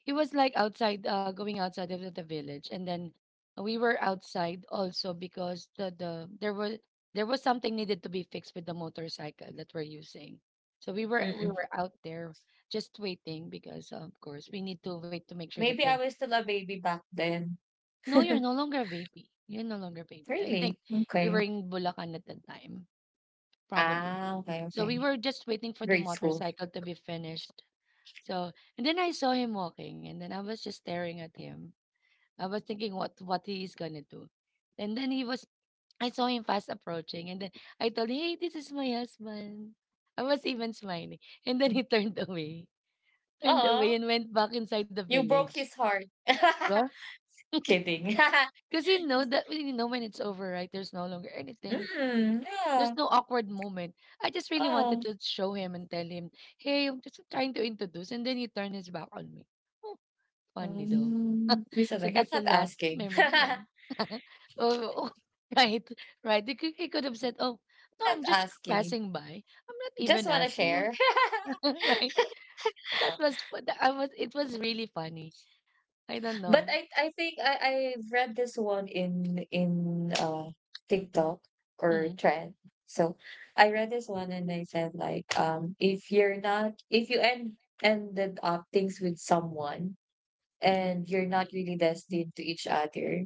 it was like outside, going outside of the village, and then we were outside also because the there was something needed to be fixed with the motorcycle that we're using. So we
Mm-mm.
were out there just waiting because of course we need to wait to make sure that
Maybe
the
I was still a baby back then.
no, you're no longer a baby. You're no longer a baby. I
Really?
think you were
Okay.
in Bulacan at the time probably.
Ah, okay,
So we
okay.
were just waiting for the
Grade school.
motorcycle to be finished. So and then I saw him walking, and then I was just staring at him. I was thinking what he is gonna do, and then he was. I saw him fast approaching, and then I told, "Hey, this is my husband." I was even smiling, and then
Mm.
he turned away,
Oo.
and went back inside the
You broke
village.
his heart.
Because
Kidding.
you know that you know when it's over, right? There's no longer anything.
Mm,
There's
yeah.
no awkward moment. I just really
Oh.
wanted to show him and tell him, hey, I'm just trying to introduce. And then he turned his back on me. Oh, funny though.
Mm, we
So
said like
that's
I'm
the
not
last
asking.
memory. Yeah.
Not
oh, oh, right. Right. He could have said, oh, no, I'm just
asking.
passing by. I'm not even
Just want to
asking. What-"
share.
right. That was, it was really funny. I don't
But
know.
I think I've read this one in TikTok or
Mm-hmm.
trend. So I read this one, and they said like if you're not, if you end ended up things with someone
hmm
and you're not really destined to each other,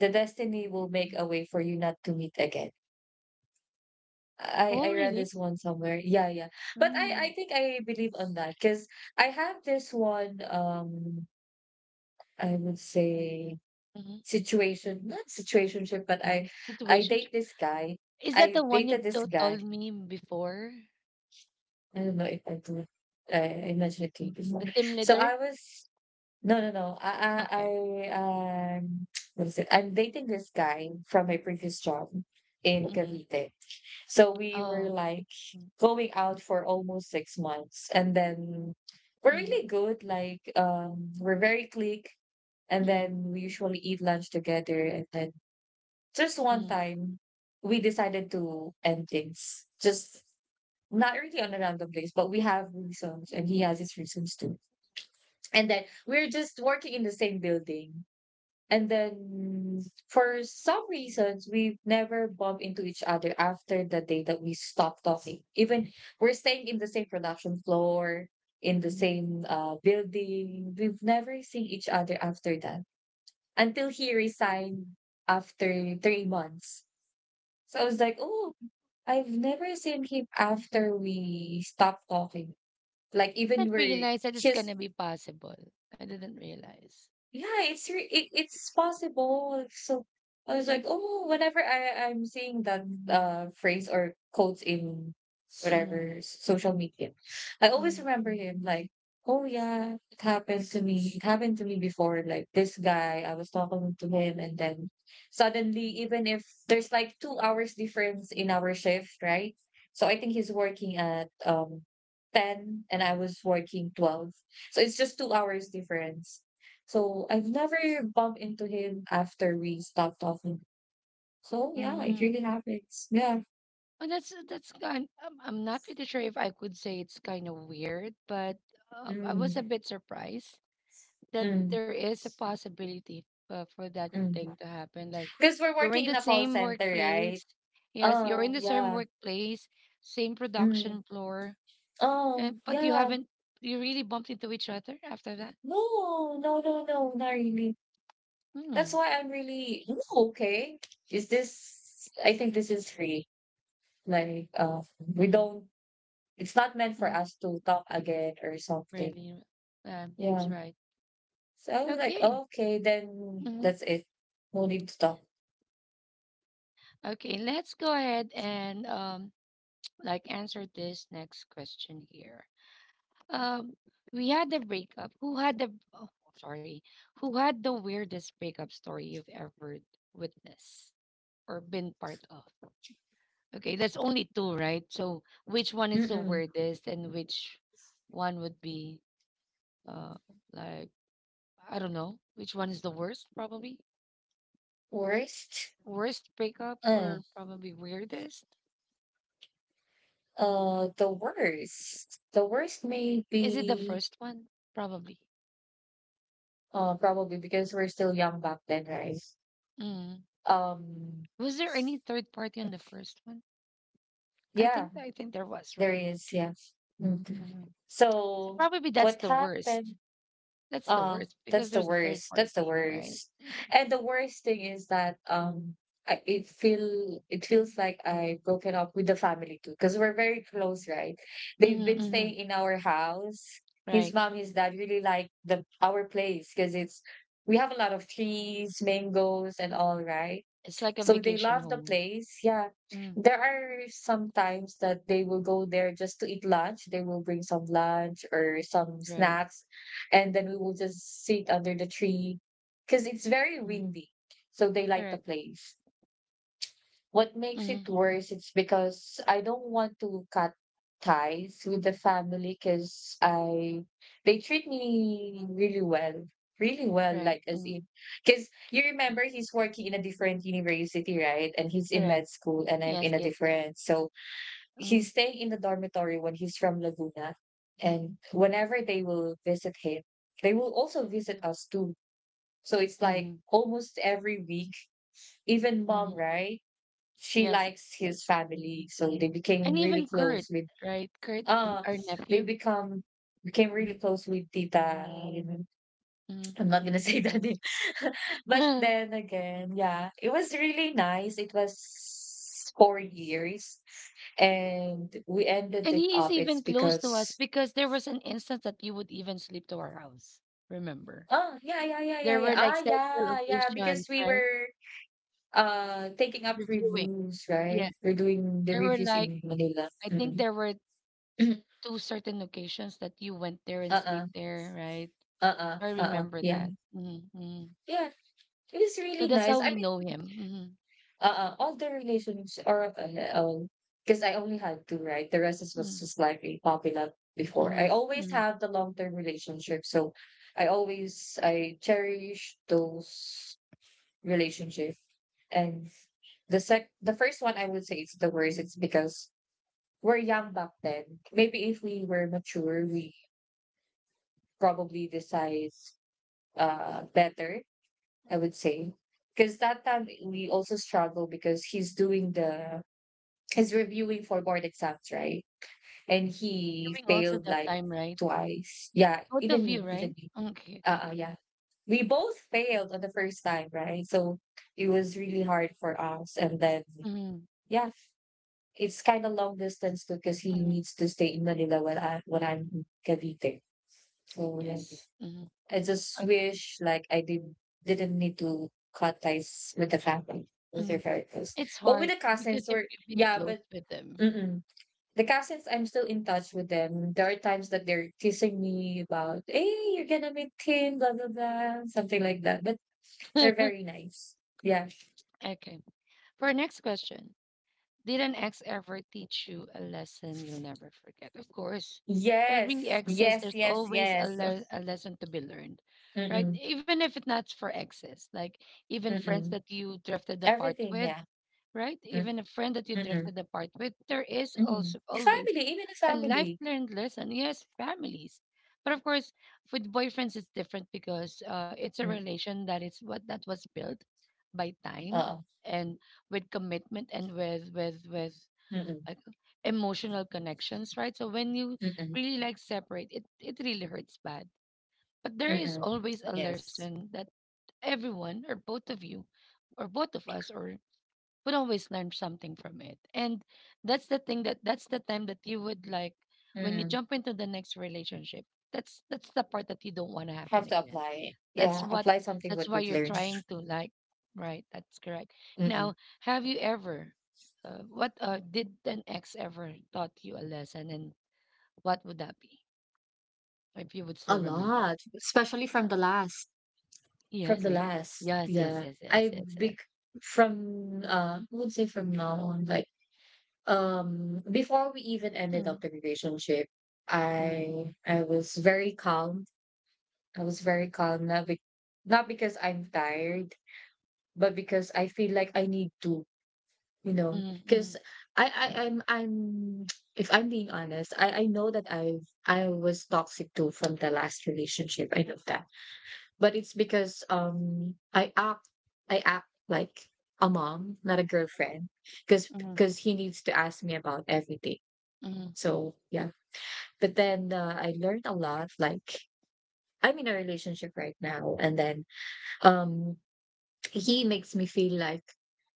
the destiny will make a way for you not to meet again. I
Oh,
I read
really?
this one somewhere. Yeah, yeah. But I think I believe on that because I have this one, I would say,
Mm-hmm.
situation, not situationship, but I
Situation.
date this guy.
Is that
I
the one you
dated this guy.
told me before?
I don't know if I do. I mentioned it to you before.
The team
So
leader?
I was No, no, no. I
Okay,
um, what is it? I'm dating this guy from my previous job in
Mm.
Cavite. So we were
Oh.
like
Mm,
going out for almost 6 months, and then we're
mm,
really good. Like, we're very click, and
mm,
then we usually eat lunch together. And then just one
mm.
time, we decided to end things. Just not really on a random place, but we have reasons, and he has his reasons too. And then we're just working in the same building. And then for some reasons, we've never bumped into each other after the day that we stopped talking. Even we're staying in the same production floor, in the same building. We've never seen each other after that until he resigned after 3 months. So I was like, oh, I've never seen him after we stopped talking. Like
I
even
didn't
we're
realize that it's
his.
gonna be possible. I didn't realize.
Yeah, it's possible. So I was like, oh, whenever I'm seeing that phrase or quotes in
Mm,
whatever social media, I always
mm,
remember him like, oh yeah, it happened to me. It happened to me before. Like this guy, I was talking to
mm,
him, and then suddenly, even if there's like 2 hours difference in our shift, right? So I think he's working at 10, and I was working 12. So it's just 2 hours difference, so I've never bumped into him after we stopped talking. So yeah, it
mm.
really happens. Yeah.
Well, that's kind. I'm not pretty sure if I could say it's kind of weird, but I was a
Mm,
bit surprised that
mm,
there is a possibility for that thing
mm.
to happen. Like
Because we're
you're in
working
the
in a call
same
center, right?
workplace. Yes, you're in
Oh,
the same
yeah.
workplace, same
Mm.
production floor,
Oh,
And but you
yeah.
haven't you really bumped into each other after that?
No, no, no, no, not really.
Mm,
That's why I'm really... "Oh, okay. Is this, I think this is free. Like, we
mm,
don't, it's not meant for
mm,
us to talk again or something.
really?
Yeah.
That's right.
So I was like,
Okay.
"Oh, okay, then
mhm.
that's it. No need to talk.
Okay, let's go ahead and like answer this next question here. Um we had the breakup. Who had the oh, sorry. Who had the weirdest breakup story you've ever witnessed or been part of? Okay, that's only two, right? So which one is the
Mm-mm.
weirdest and which one would be uh like I don't know which one is the worst, probably.
Worst?
Worst breakup
Uh,
or probably weirdest?
the worst. The worst may
Is it the
be,
first one? Probably.
probably because we're still young back then, right?
Mm.
Um,
Was there any third party on the first one? I
yeah,
think I think there was,
there
right?
is,
Okay.
yeah. Mhm.
Mhm. So
So
probably that's
what
the worst.
happened...
That's the
Oh,
worst because
that's the
there's a third
worst. That's the
party, right?
worst. And the worst thing is that I, it feels like I've broken up with the family too because we're very close, right? They've
Mm-hmm,
been
hmm
staying in our house. His
Right.
mom, his dad really like the our place because it's we have a lot of trees, mangoes, and all, right?
It's like a
So they
vacation
love the
home.
place. Yeah.
Mm.
There are some times that they will go there just to eat lunch. They will bring some lunch or some
Right.
snacks, and then we will just sit under the tree because it's very
Mm.
windy. So they like the
Correct.
place. What makes it
Mm.
worse is because I don't want to cut ties with the family because I they treat me really well. Really well,
Right.
like as
Mm.
in because you remember he's working in a different university, right? And he's in
Correct.
med school and I'm
Yes,
in a
yes, yes.
different. So he's
Mm.
staying in the dormitory when he's from Laguna. And whenever they will visit him, they will also visit us too. So it's
Mm-hmm.
like almost every week, even mom,
Mm-hmm.
right? She
Yes,
likes his
yes.
family, so they became
And
really
even Kurt,
close with...
right? Kurt,
uh
our
they
nephew.
become became really
Mhm.
close with Tita.
Mhm,
I'm not gonna say that,
Right.
name. But then again, yeah, it was really nice. It was 4 years, and we ended
And
it
he is
up. It's
even close to us
because...
because there was an instance that he would even sleep to our house. Remember?
Oh, yeah, yeah, yeah,
There
yeah,
were
yeah,
like
ah,
several
yeah, yeah,
occasions,
because we
right?
were taking up
Reviewing.
reviews, right.
Yes.
We're doing the
There were
reviews
like,
in Manila.
I think
Mm-hmm.
there were two certain occasions that you went there
uh
and
uh
sleep there, right?
Uh-uh,
So, I
uh-uh,
remember
yeah.
that. Mm-hmm.
Yeah, it was
So
really
that's how
nice. I
we
mean,
know him.
uh-uh, all the relations, or, um, because I only had two, right? The rest is
Mm-hmm.
was just like a popping up before. I
Mm-hmm.
always
Mm-hmm.
have the long-term relationship, so I cherish those relationship. And the first one, I would say it's the worst. It's because we're young back then. Maybe if we were mature, we probably decide better, I would say. Because that time we also struggle because he's doing the he's reviewing for board exams, right? And he
Doing also
failed
that
like
time, right?
twice. Yeah,
Both of
even
you,
me, even
right?
me.
Okay, okay, okay.
Yeah. We both failed on the first time, right? So it was really hard for us. And then
Mm,
yeah, it's kind of long distance too because he
mm,
needs to stay in Manila while I when I'm in Cavite. So yeah.
yes. Mm,
I just
okay.
wish like I did didn't need to cut ties with the family, with your
Mm.
very close.
It's
But with
hard
the
because
cousins,
if
or...
you've been
yeah,
close
but
with them.
mm-mm. The cousins, I'm still in touch with them. There are times that they're teasing me about, hey, you're gonna meet him, blah blah blah, something like that. But they're very nice. Yeah.
Okay. For our next question, did an ex ever teach you a lesson you'll never forget? Of course,
Yes.
every ex says
Yes.
there's
Yes.
always a,
Yes.
a lesson to be learned, right?
Mm-mm.
Even if it's not for exes, like even friends
Mm-mm.
that you drifted apart
Everything.
with,
Yeah.
right?
Mm-mm.
Even a friend that you
Mm-mm.
drifted apart with, there is also always
Family, even a
A life
family.
learned lesson. Yes, families. But of course, with boyfriends, it's different because it's a
Mm.
relation that is what that was built by time
Uh.
and with commitment and with with
Mm-mm.
like, emotional connections, right? So when you
Mm-mm.
really like separate, it really hurts bad. But there is
Mm-mm.
always a
Yes.
lesson that everyone or both of you or both of us or would always learn something from it. And that's the thing that that's the time that you would like when you
Mm-mm.
jump into the next relationship. That's the part that you don't want to happen
Have to
again.
apply.
That's
Yeah,
what
apply something
that's
what
why
you've
you're
learned.
trying to like right, that's correct.
Mm-mm.
Now, have you ever what did an ex ever taught you a lesson and what would that be if you would
A
still remember?
lot, especially from the last.
Yes,
From the
I
last,
yes, yes,
yeah.
yes, yes,
I
yes, yes.
big from I would say from now on, like, before we even ended up
Mm,
the relationship,
mm,
I was very calm. I was very calm, not because I'm tired, but because I feel like I need to.
mm, mm,
Because I'm if I'm being honest, I know that I was toxic too from the last relationship. I know that. But it's because I act like a mom, not a girlfriend, because
mm,
he needs to ask me about everything.
mm, mm,
So yeah. But then, I learned a lot. Like, I'm in a relationship right now, and then, um he makes me feel like,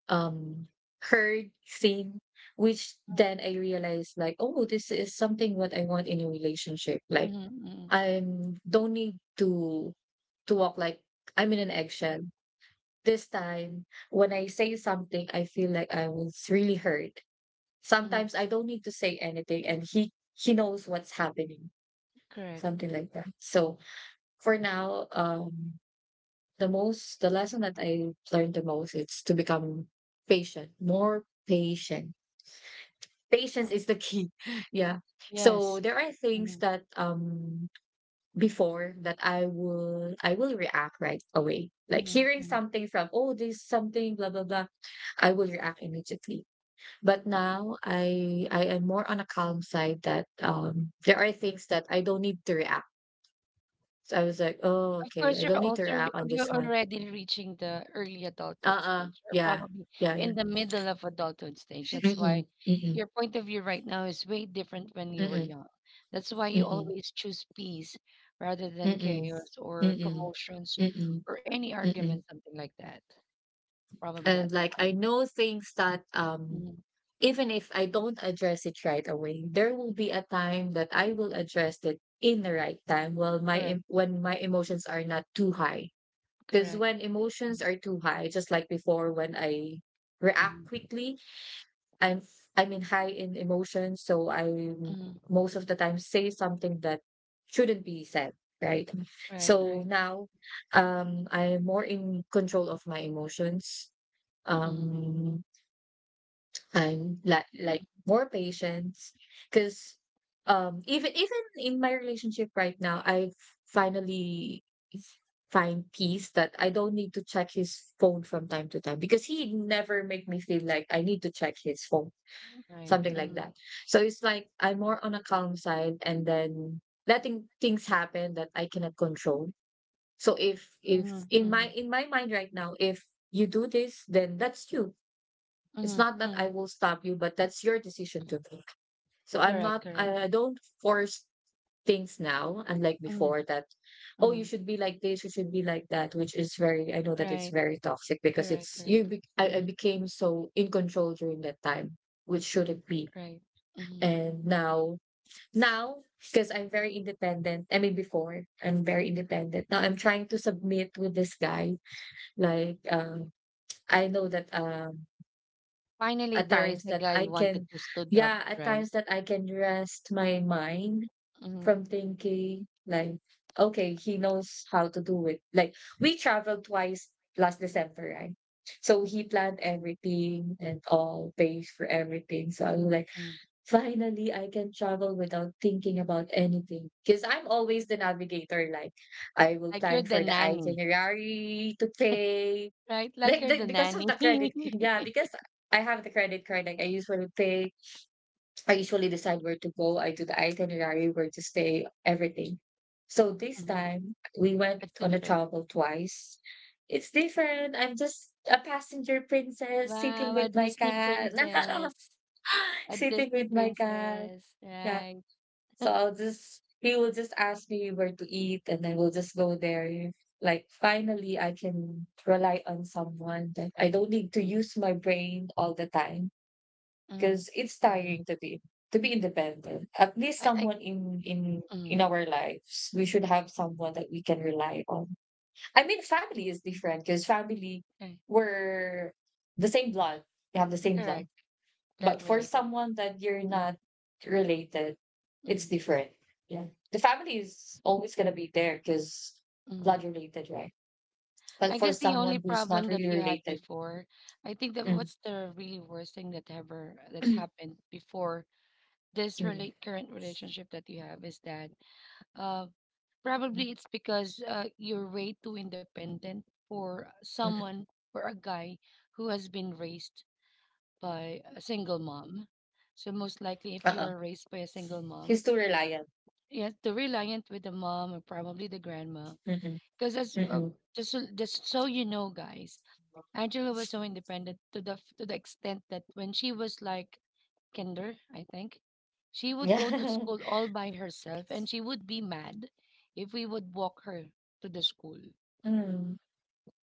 um heard, seen, which then I realized like, oh, this is something what I want in a relationship. Like,
mm, mm,
I'm don't need to walk like I'm in an eggshell. This time when I say something, I feel like I was really hurt.
mm,
Sometimes I don't need to say anything, and he knows what's happening,
Correct.
something like that. So for now, the lesson that I learned the most is to become patient, more patient. Patience
Mm,
is the key. Yeah. So
Yes.
there are things
Mhm,
that, before that, I will react right away. Like
mhm,
hearing
mhm.
something from, oh, this something blah blah blah, I will react immediately. But now I am more on a calm side, that, there are things that I don't need to react. So I was like, oh,
Of
okay, I
course, you're
don't need to
also
react on
you're
this one.
already reaching the early adulthood
Uh-uh.
stage, or
Yeah.
probably
Yeah, yeah.
in the middle of adulthood stage. That's why
Mm-mm, mm-mm,
your point of view right now is way different when you were
mm-mm,
young. That's why you
mm-mm,
always choose peace rather than
mm-mm,
chaos or
mm-mm, mm-mm,
commotions
mm-mm.
or any argument, something like that. Probably
And
that's
like
one
I
of it.
know things that,
Mhm,
even if I don't address it right away, there will be a time that I will address it in the right time. Well,
Correct.
when my emotions are not too high, because
Correct.
when
Mm,
emotions are too high, just like before, when I react
mhm,
quickly, I'm in high in emotions, so I
mhm.
most of the time say something that shouldn't be said, right?
Right.
So
Right.
now, I'm more in control of my emotions,
mhm,
um and like more patience, because even in my relationship right now, I finally find peace that I don't need to check his phone from time to time, because he never make me feel like I need to check his phone,
Right.
something like
mhm,
that. So it's like I'm more on a calm side, and then letting things happen that I cannot control. So if
mhm, mhm.
in my mind right now, if you do this, then that's you. It's
Mhm,
not that I
mhm.
will stop you, but that's your decision to make. So
Correct, correct.
I don't force things now, unlike
Mhm,
before that, oh, you
mhm.
should be like this, you should be like that, which is very... I know that it's
Right.
very toxic because
Correct,
it's, you,
correct.
be, I
Mhm,
became so in control during that time, which shouldn't be.
right. Mhm.
And now, now, because I'm very independent. I mean, before I'm very independent. Now I'm trying to submit with this guy. Like, um, I know that
Finally,
at
there is
times
a
that
guy who
I can,
wanted to stood up,
yeah, at
right?
times that I can rest my mind
Mhm,
from thinking like, okay, he knows how to do it. Like we traveled twice last December, right? So he planned
mhm,
everything and all pays for everything. So I was like,
mhm.
finally, I can travel without thinking about anything. Because I'm always the navigator. Like, I will
Like you're
plan
the
for the
nanny,
itinerary to take,
right? Like you're
like
the
the, because of
nanny.
the credit yeah because I have the credit card, like I usually pay, I usually decide where to go, I do the itinerary, where to stay, everything. So this
Mhm.
time we went
It's
on a
different.
travel twice. It's different. I'm just a passenger princess sitting
Wow, a
with my
Disney
cat.
princess. A
Sitting
Disney
with my cat.
princess,
Yeah,
right?
so I'll just he will just ask me where to eat and then we'll just go there. Like, finally I can rely on someone that I
Correct.
don't need to
Mm,
use my brain all the time,
mm,
because it's
right.
tiring to be, to be independent. At least
I, I,
someone in
mm,
in our lives, we should have someone that we can rely on. I mean, family is different because family,
okay.
we're the same blood. We have the same blood.
Correct. That
But for
related.
someone that you're
Mm,
not related, it's
mm,
different. Yeah. The family is always going to be there because
mm.
blood related, right?
I
But
guess
for
the only
someone who's
problem
not
that
really
you had
related,
before, I think that
mm,
what's the really worst thing that ever that
mm,
happened before this
mm,
really current relationship that you have is that uh probably it's because you're way too independent for
mm,
someone or a guy who has been raised by a single mom. So most likely if you
uh-uh.
are raised by a single
He's
mom,
too reliant.
yeah, the reliant with the mom or probably the grandma.
Mm-mm,
Because as
mm-mm.
just so you know, guys, Angela was so independent to the extent that when she was like kinder, I think, she would go to
Yeah.
school all by herself and she would be mad if we would walk her to the school.
mm,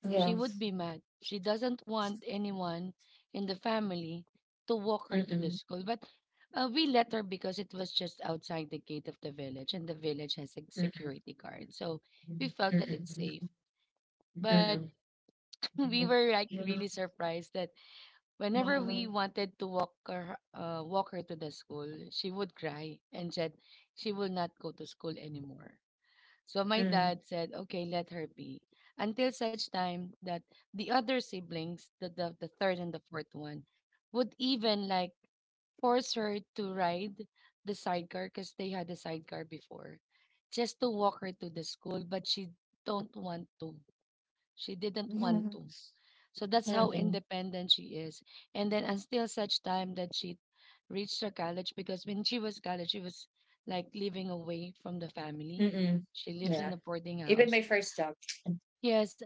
She
yeah.
would be mad. She doesn't want anyone in the family to walk her to the
Mm-mm,
school. But we let her because it was just outside the gate of the village and the village has a
mm-mm,
security guard. So we felt that it's safe.
mm-mm,
But
mm-mm,
we
mm-mm.
were like
Mm.
really surprised that whenever we wanted to walk her, walk her to the school, she would cry and said she will not go to school anymore. So my dad said, "Okay, let her be," until such time that the other siblings, the third and the fourth one, would even like force her to ride the sidecar because they had a sidecar before, just to walk her to the school. But she don't want to. She didn't want to. So that's how
Mm-mm.
independent she is. And then until such time that she reached her college, because when she was college, she was like living away from the family.
Mm-mm.
She lives in
Yeah.
a boarding
Even
house.
my first job.
Yes,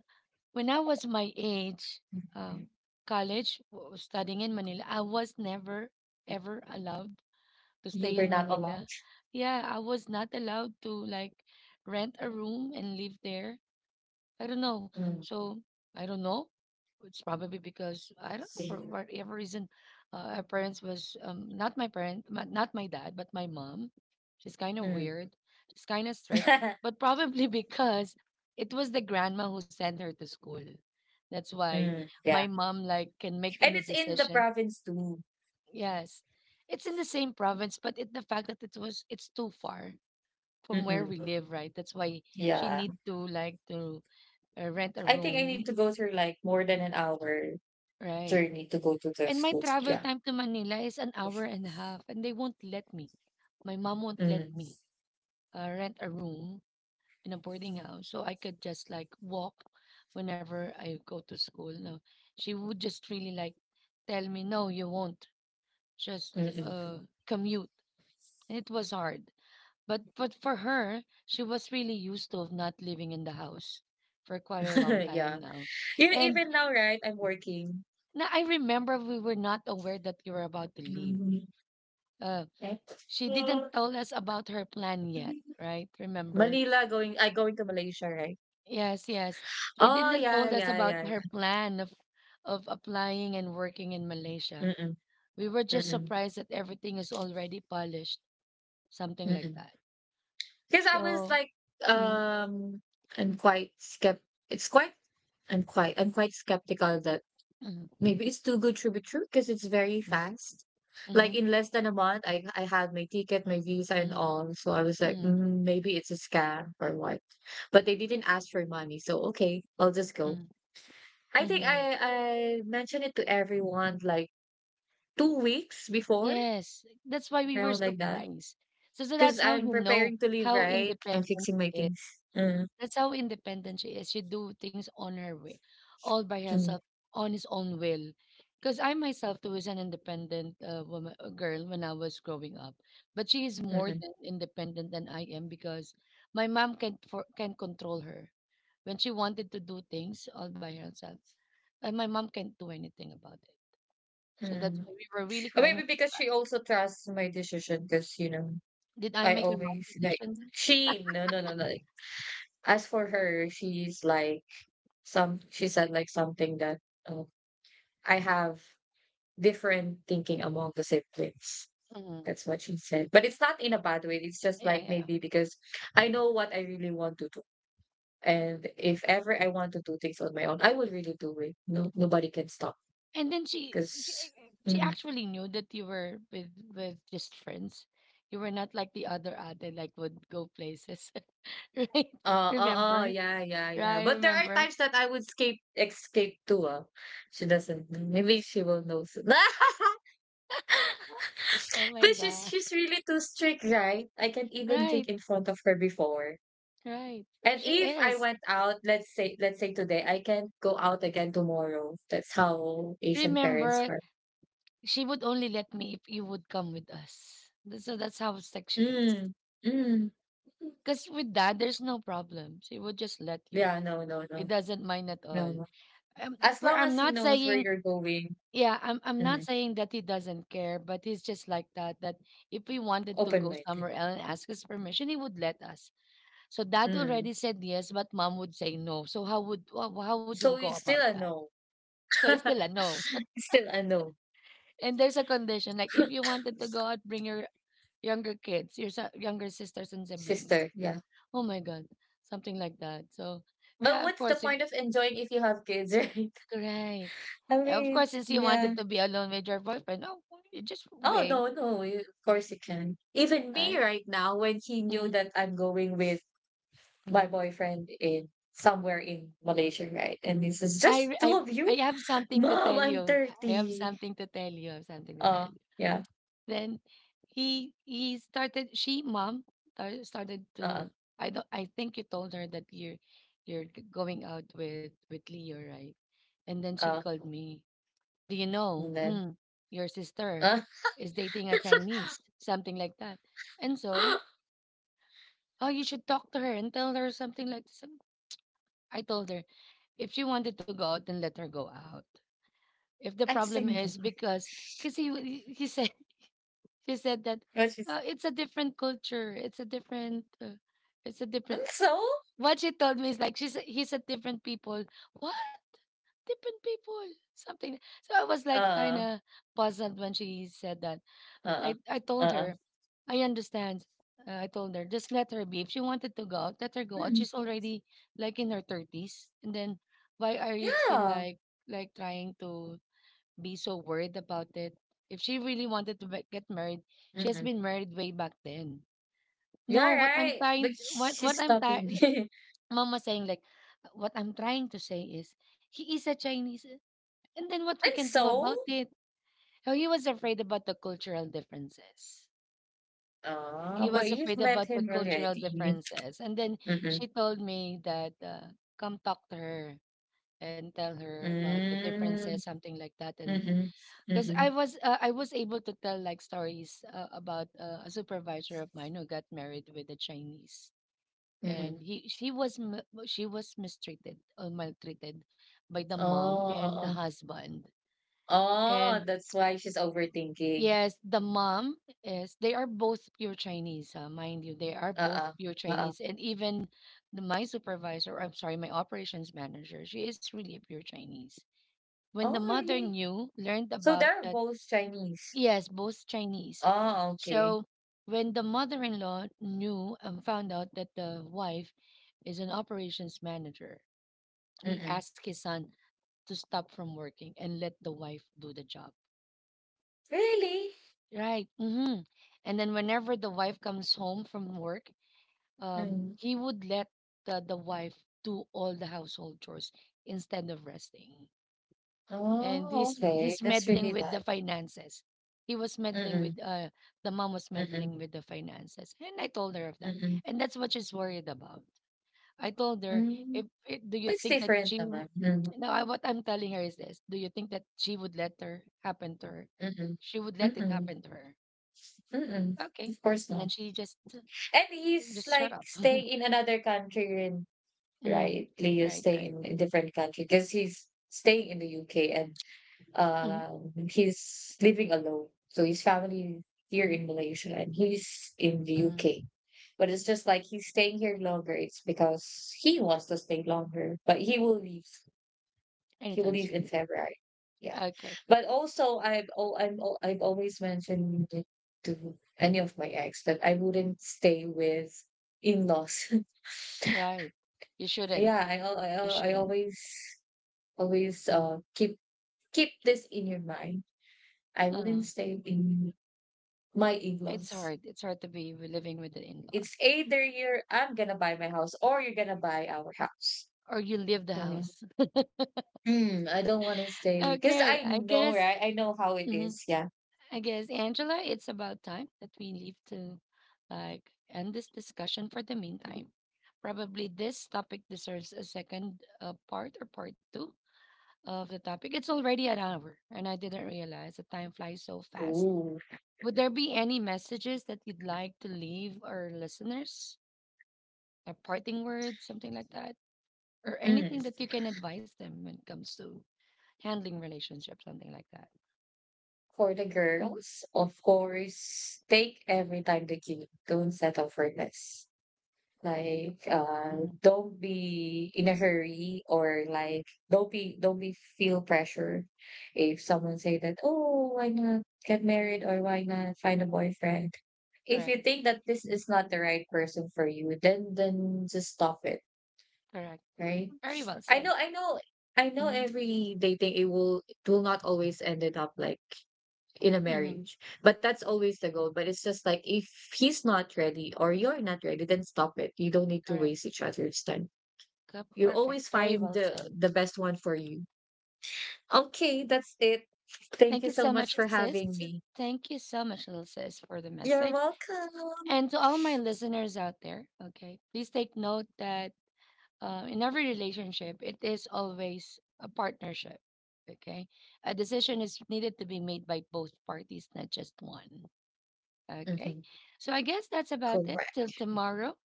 when I was my age, um, college, studying in Manila, I was never ever allowed to
You
stay
were
in
not allowed.
Manila. Yeah, I was not allowed to like rent a room and live there. I don't know.
Mm.
So I don't know. It's probably because I don't know for
See.
whatever reason, our parents was not my parent, my, not my dad, but my mom. She's kind of
Mm.
weird. She's kind of strict, but probably because it was the grandma who sent her to school. That's why
Mm.
my
Yeah.
mom like can make
And
any
it's in the
decision.
province too.
Yes, it's in the same province, but it, the fact that it was it's too far from where we
Mm-mm.
live, right? That's why she
Yeah.
need to like to rent a
I think I
room.
need to go through like more than an hour
Right.
journey to go to the
And my
school.
travel
Yeah.
time to Manila is an hour and a half, and they won't let me. My mom won't let
Mm.
me rent a room in a boarding house, so I could just like walk whenever I go to school. No, she would just really like tell me, "No, you won't. Just
Mm-mm.
commute." And it was hard, but for her, she was really used to of not living in the house for quite a long time
yeah.
now,
You know,
and
even now, right? I'm working.
now I remember we were not aware that you were about to leave.
Mm.
uh,
Right?
She didn't tell us about her plan yet, right? Remember?
Manila, going I going to Malaysia, right?
Yes, yes. She
Oh
didn't
yeah,
told us
yeah,
about
yeah,
her plan of applying and working in
yeah.
Malaysia.
Mm-mm.
We were just
Mm-mm.
surprised that everything is already polished, something like
Mm-mm.
that.
Because I was
So,
like,
mm,
um, I'm quite It's quite. I'm quite skeptical that
mm,
maybe it's too good to be true. Because it's very
mm,
fast. Like
mm,
in less than a month, I had my ticket, my visa, and
mm,
all. So I was like,
mm,
maybe it's a scam or what. But they didn't ask for money, so okay, I'll just go.
mm,
I think I
mhm.
I mentioned it to everyone like 2 weeks before,
Yes, that's why we were
around like that.
surprised. So
Because
that's how
I'm
you know
preparing to leave,
how
right? I'm
independent
fixing my
she is.
things. Mm,
That's how independent she is. She do things on her way, all by herself,
mm,
on his own will. Because I myself too was an independent woman, girl when I was growing up, but she is
mm,
more
mm.
than independent than I am because my mom can control her when she wanted to do things all by herself, and my mom can't do anything about it. So that's
Mm.
why we were really
Or
kind of.
maybe because she also trusts my decision because, you know,
Did I
I
make a wrong
always like,
decision?
she no no no no, like, as for her, she's like, some she said like something that, oh, I have different thinking among the siblings.
Mhm.
That's what she said. But it's not in a bad way. It's just like
Yeah, yeah.
maybe because I know what I really want to do. And if ever I want to do things on my own, I will really do it. No, nobody can stop
And then
because.
she actually knew that you were with just friends. You were not like the other ate, like would go places, right?
Oh, oh oh
Remember?
yeah, yeah, yeah.
Right,
But there are
remember?
times that I would escape too, ah. She doesn't know. Maybe she will know soon.
Oh my
But she's
god!
she's really too strict, right? I can't even drink
Right,
in front of her before.
right.
And
She
if I
is.
went out, let's say today, I can't go out again tomorrow. That's how Asian parents
Remember,
are.
she would only let me if you would come with us. So that's how sick she is.
Mm. Mm.
Because with that, there's no problem. She would just let you.
Yeah, no, no,
It
no.
doesn't mind at all.
No, no. As
Where
long
I'm
as he
not
knows where
saying.
you're going,
Yeah, I'm not
mm,
saying that he doesn't care, but he's just like that. That if we wanted to go
open-minded.
somewhere else and ask his permission, he would let us. So dad
Mm.
already said yes, but mom would say no. So how would how would you
So
go
it's
about
still a
that?
no.
So it's still a no.
Still a no,
And there's a condition like if you wanted to go out, bring your younger kids, your younger sisters and siblings.
sister. Yeah.
Oh my god, something like that. So
But
yeah, of
what's the
course, if
point of enjoying if you have kids, right?
great.
I
Of
mean,
course, since you
yeah.
wanted to be alone with your boyfriend, oh, you just
Oh,
obey,
no, no. Of course you can. Even me
right?
right now, when he knew
Mm-hmm.
that I'm going with my
Mm-hmm.
boyfriend in somewhere in Malaysia, right? And he says,
I
just
I
two of
I
you?
have something to
Mom,
tell
I'm
you. I have
30.
something to tell you. I have something to tell
Uh,
you.
yeah.
Then he started. She mom started
Uh,
to. I don't. I think you told her that you're going out with Leo, right? And then she
uh.
called me. Do you know?
And then,
Hmm, your sister
uh,
is dating a Chinese, something like that. And so, oh, you should talk to her and tell her something like this. And I told her if she wanted to go out, then let her go out. If the
I'm
problem is
single.
because he said she said that
But she's,
it's a different culture, it's a different it's a
"Mm,
different,
so?
what she told me is like he said different people, what different people, something. So I was like kind
Uh,
of puzzled when she said that. i i
uh,
told
uh."
her I understand. I told her just let her be. If she wanted to go out, let her go out.
Mm.
She's already like in her 30s, and then why are you still
Yeah.
like trying to be so worried about it. If she really wanted to get married, she has
Mhm.
been married way back then.
You're
No,
right, but she's
what I'm trying,
stopping me.
Mama saying like, what I'm trying to say is he is a Chinese, and then what we
And
can do
so,
about it? Oh, he was afraid about the cultural differences.
oh,
He
but
was
you've
afraid
met
about the
him
cultural
already.
differences, and then
Mm-mm.
she told me that come talk to her and tell her about the differences,
Mm.
something like that, and
Mm-mm.
because
Mm-mm.
I was able to tell like stories about a supervisor of mine who got married with a Chinese, and
Mm-mm.
he she was she was mistreated or maltreated by the
Oh,
mom
oh,
and the
oh. Uh-uh.
husband,
Oh,
and
that's why she's overthinking.
yes, the mom is they are both pure Chinese, mind you, they are both
Uh-uh.
pure
Uh-uh.
Chinese, and even the, my supervisor, I'm sorry, my operations manager, she is really a pure Chinese. When the
Oh,
mother
really?
knew, learned
So
about
they're
that.
both Chinese.
Yes, both Chinese.
Oh, okay.
So when the mother-in-law knew and found out that the wife is an operations manager, he
Mm-mm.
asked his son to stop from working and let the wife do the job.
Really?
Right. Mm-hmm. And then whenever the wife comes home from work,
Mm.
he would let the wife do all the household chores instead of resting. And
Oh,
this
okay.
he's
That's
meddling
really
with the
bad.
finances, he was meddling with
Mm-mm.
the mom was
Mm-mm.
meddling with the finances, and I told her of that,
Mm-mm.
and that's what she's worried about. I told her
Mm.
if do you
It's
think that
different naman. Mm.
no, I, what I'm telling her is this: do you think that she would let her happen to her,
Mm-mm.
she would let it
Mm-mm.
happen to her.
Mm-mm.
Okay.
Of course
And
not.
then she
And he's
just shut
like
up.
staying in another country, and
Hmm.
right? Leo
Right, right.
staying in a different country because he's staying in the UK, and
Hmm.
he's living alone. So his family here
Hmm.
in Malaysia and he's in the
Hmm.
UK. But it's just like he's staying here longer. It's because he wants to stay longer, but he will leave, he
Anytime
will leave
soon.
in February. Yeah,
Okay.
but also I've al- I'm al- I've always mentioned it to any of my ex that I wouldn't stay with in-laws.
Right, you shouldn't.
Yeah,
You
I
shouldn't.
always always
Mm-hmm.
keep, keep this in your mind. I
Uh,
wouldn't stay in my
it's
in-laws.
hard. It's hard to be living with the
It's
in-laws
either you're I'm gonna buy my house or you're gonna buy our house.
or you leave the
Mm,
house.
mm, I don't want to stay because
Okay,
I
I
know,
guess.
right? I know how it
Mhm,
is. Yeah.
I guess Angela, it's about time that we leave to like end this discussion for the meantime. Probably this topic deserves a second part or part two of the topic. It's already an hour, and I didn't realize the time flies so fast.
Ooh.
Would there be any messages that you'd like to leave our listeners? A parting word, something like that? Or
Mm.
anything that you can advise them when it comes to handling relationships, something like that.
For the
Mm,
girls, of course, take every time the cute. Don't settle for less. Like,
mhm.
don't be in a hurry or like don't be feel pressure if someone say that, oh, why not get married or why not find a boyfriend. If you
Correct,
think that this is not the right person for you, then just stop it,
correct.
right?
Very well
I
said.
know, I know, I know.
Hmm.
Every dating, it will not always ended up like in a
Hmm.
marriage. But that's always the goal. But it's just like if he's not ready or you're not ready, then stop it. You don't need to
Correct.
waste each other's time. You
Perfect.
always
Very
find
well said.
the best one for you. Okay, that's it. Thank
Thank
you
you
so
so
much
much,
for
sis.
having me.
Thank you so much, little sis, for the
You're
message.
welcome.
And to all my listeners out there, okay, please take note that in every relationship, it is always a partnership. Okay. A decision is needed to be made by both parties, not just one. Okay.
Mhm.
So I guess that's about it. Till
Correct.
tomorrow.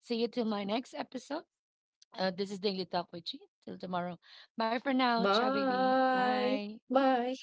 See you till my next episode. This is Daily Talk with Chi. Till tomorrow. Bye for now. Ciao, baby.
Bye.
Bye.
Bye.